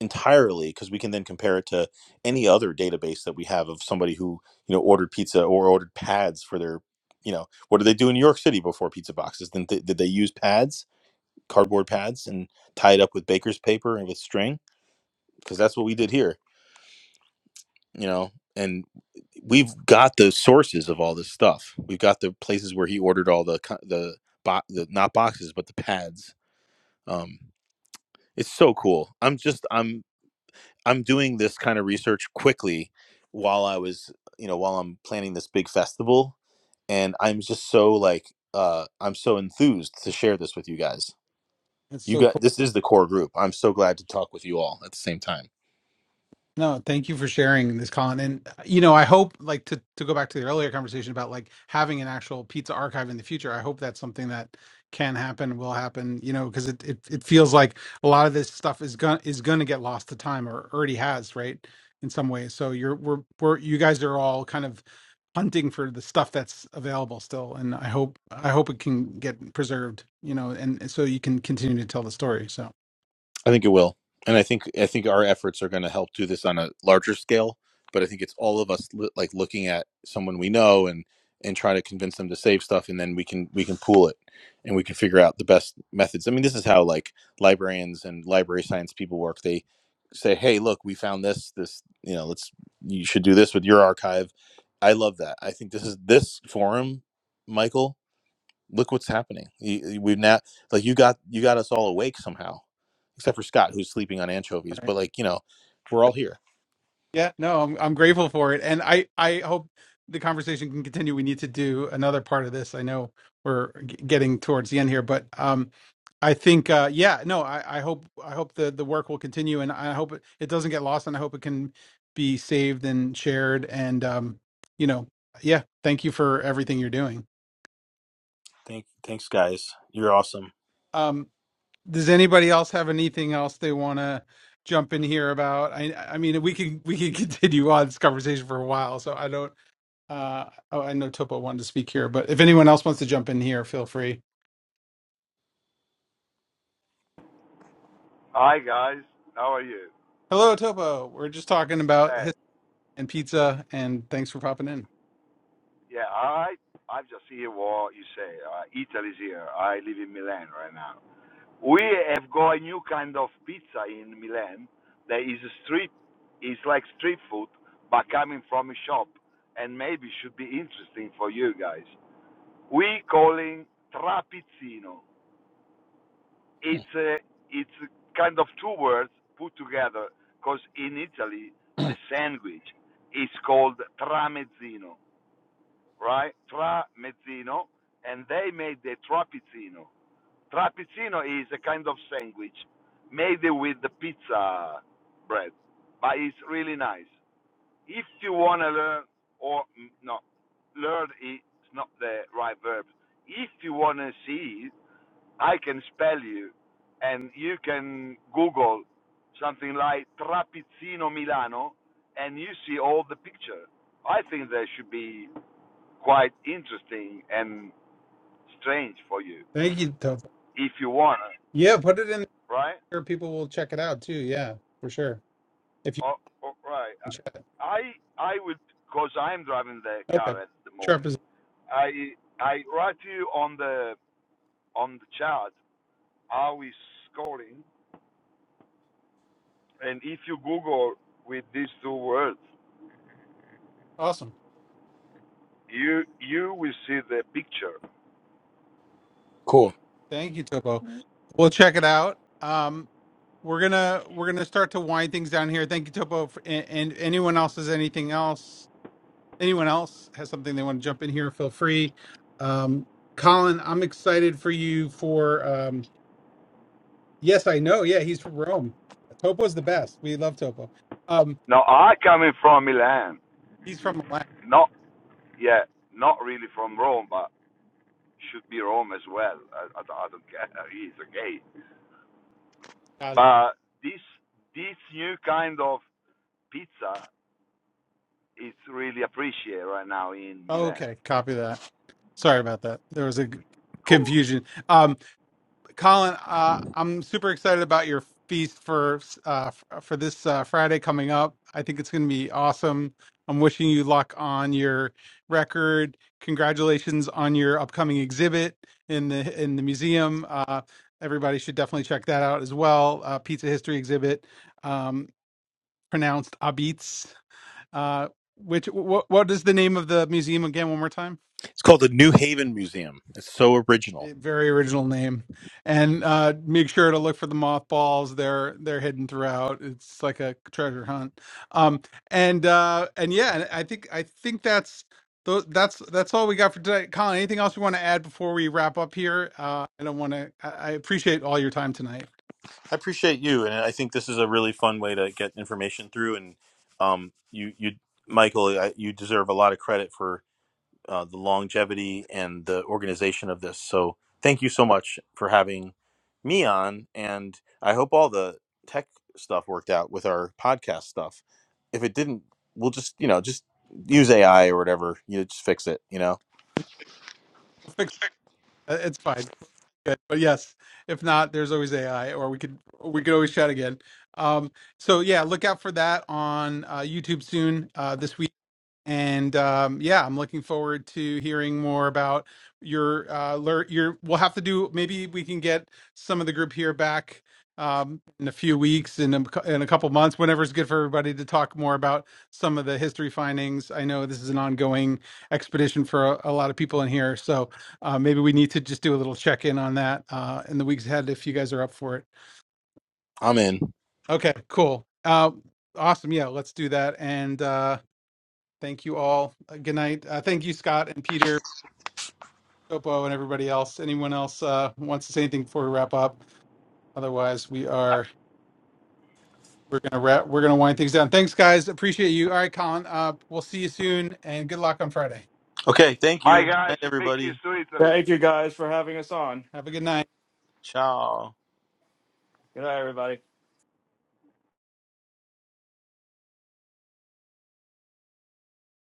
B: entirely because we can then compare it to any other database that we have of somebody who you know ordered pizza or ordered pads for their you know what did they do in new york city before pizza boxes did they, did they use pads cardboard pads and tie it up with baker's paper and with string because that's what we did here you know and we've got the sources of all this stuff we've got the places where he ordered all the the, bo- the not boxes but the pads um it's so cool i'm just i'm i'm doing this kind of research quickly while i was you know while i'm planning this big festival and i'm just so like uh i'm so enthused to share this with you guys
A: It's
B: you
A: so cool.
B: got this is the core group i'm so glad to talk with you all at the same time
A: No, thank you for sharing this, Colin. And uh, you know, I hope like to to go back to the earlier conversation about like having an actual pizza archive in the future. I hope that's something that can happen, will happen. You know, because it, it it feels like a lot of this stuff is gonna is gonna get lost to time or already has, right? In some ways. So you're we're we're you guys are all kind of hunting for the stuff that's available still, and I hope I hope it can get preserved. You know, and so you can continue to tell the story. So.
B: I think it will, and I think I think our efforts are going to help do this on a larger scale. But I think it's all of us li- like looking at someone we know and and try to convince them to save stuff, and then we can we can pool it, and we can figure out the best methods. I mean, this is how like librarians and library science people work. They say, "Hey, look, we found this. This you know, let's you should do this with your archive." I love that. I think this is this forum, Michael. Look what's happening. You- you- We've now like you got you got us all awake somehow, except for Scott who's sleeping on anchovies. But like you know, we're all here.
A: Yeah, no, I'm I'm grateful for it, and I I hope the conversation can continue. We need to do another part of this. I know we're g- getting towards the end here, but um, I think uh, yeah, no, I I hope I hope the the work will continue, and I hope it, it doesn't get lost, and I hope it can be saved and shared, and um, you know, yeah, thank you for everything you're doing.
B: Thank, thanks, guys. You're awesome.
A: Um, does anybody else have anything else they want to? jump in here about i i mean we could we could continue on this conversation for a while so i don't Uh, oh, I know Topo wanted to speak here, but if anyone else wants to jump in here, feel free.
I: Hi guys, how are you?
A: Hello, Topo. We're just talking about
I: Uh,
A: history and pizza, and thanks for popping in.
I: yeah, I I just hear what you say. Uh, Italy's here. I live in Milan right now. We have got a new kind of pizza in Milan that is a street, is like street food, but coming from a shop, and maybe should be interesting for you guys. We calling trapizzino. It's a it's a kind of two words put together, because in Italy the sandwich is called tramezzino right? Tramezzino, and they made the trapezzino. Trapezzino is a kind of sandwich made with the pizza bread, but it's really nice. If you want to learn, or mm, no, learn is not the right verb. If you want to see, it, I can spell you, and you can Google something like Trapezzino Milano, and you see all the picture. I think there should be quite interesting and strange for you,
A: Thank you, Topo.
I: if you want, to,
A: Yeah, put it in
I: right?
A: here. People will check it out too. Yeah, for sure. If you
I: Or, or, right.
A: can chat.
I: I I would, cause I'm driving the
A: Okay.
I: car at the
A: Trump
I: moment.
A: is
I: I I write you on the on the chart how is scoring, and if you Google with these two words,
A: awesome.
I: you you will see the picture.
B: Cool.
A: Thank you, Topo. We'll check it out. Um, we're gonna we're gonna start to wind things down here. Thank you, Topo. For, and, and anyone else has anything else? anyone else has something they want to jump in here, feel free. Um, Colin, I'm excited for you for um, yes, I know. Yeah, he's from Rome. Topo's the best. We love Topo. Um,
I: Now I coming from Milan,
A: he's from Milan.
I: not yeah, not really from Rome, but should be Rome as well. I, I, don't I don't care. It's okay
A: Got it.
I: But this this new kind of pizza is really appreciated right now in Milan.
A: okay, copy that. Sorry about that. There was a g-
I: Cool.
A: confusion. Um, Colin, uh, I'm super excited about your feast for uh, f- for this uh, Friday coming up. I think it's going to be awesome. I'm wishing you luck on your record. Congratulations on your upcoming exhibit in the in the museum. Uh, everybody should definitely check that out as well. Uh, pizza history exhibit, um, pronounced Abitz. Uh, which what what is the name of the museum again? One more time.
B: It's called the New Haven Museum. It's so
A: A
B: original.
A: very original name. And uh, make sure to look for the mothballs. They're they're hidden throughout. It's like a treasure hunt. Um, and uh, and yeah, and I think I think that's tho- that's that's all we got for today. Colin, anything else you want to add before we wrap up here? Uh, I don't want to. I, I appreciate all your time tonight.
B: I appreciate you, and I think this is a really fun way to get information through. And um, you, you, Michael, I, you deserve a lot of credit for uh, the longevity and the organization of this. So thank you so much for having me on, and I hope all the tech stuff worked out with our podcast stuff. If it didn't, we'll just you know just use AI or whatever. You know, just fix it. You know,
A: We'll fix it. Uh, It's fine. Good. But yes, if not, there's always AI, or we could we could always chat again. Um, so yeah, look out for that on uh, YouTube soon uh, this week. and um, yeah, I'm looking forward to hearing more about your uh, lear- your. We'll have to do maybe we can get some of the group here back um, in a few weeks in a, cou- in a couple months, whenever it's good for everybody to talk more about some of the history findings. I know this is an ongoing expedition for a, a lot of people in here, so uh, maybe we need to just do a little check in on that uh, in the weeks ahead if you guys are up for it.
B: I'm in.
A: Okay, cool. Uh, awesome. Yeah, let's do that and. Uh, Thank you all. Uh, Good night. Uh, thank you, Scott and Peter, Topo, and everybody else. Anyone else uh, wants to say anything before we wrap up? Otherwise, we are we're gonna wrap. We're gonna wind things down. Thanks, guys. Appreciate you. All right, Colin. Uh, we'll see you soon, and good luck on Friday.
B: Okay, thank
I: My
B: you.
I: guys,
B: Night,
I: big kiss
B: everybody.
I: to Italy.
J: Thank you guys for having us on.
A: Have a good night.
B: Ciao.
J: Good night, everybody.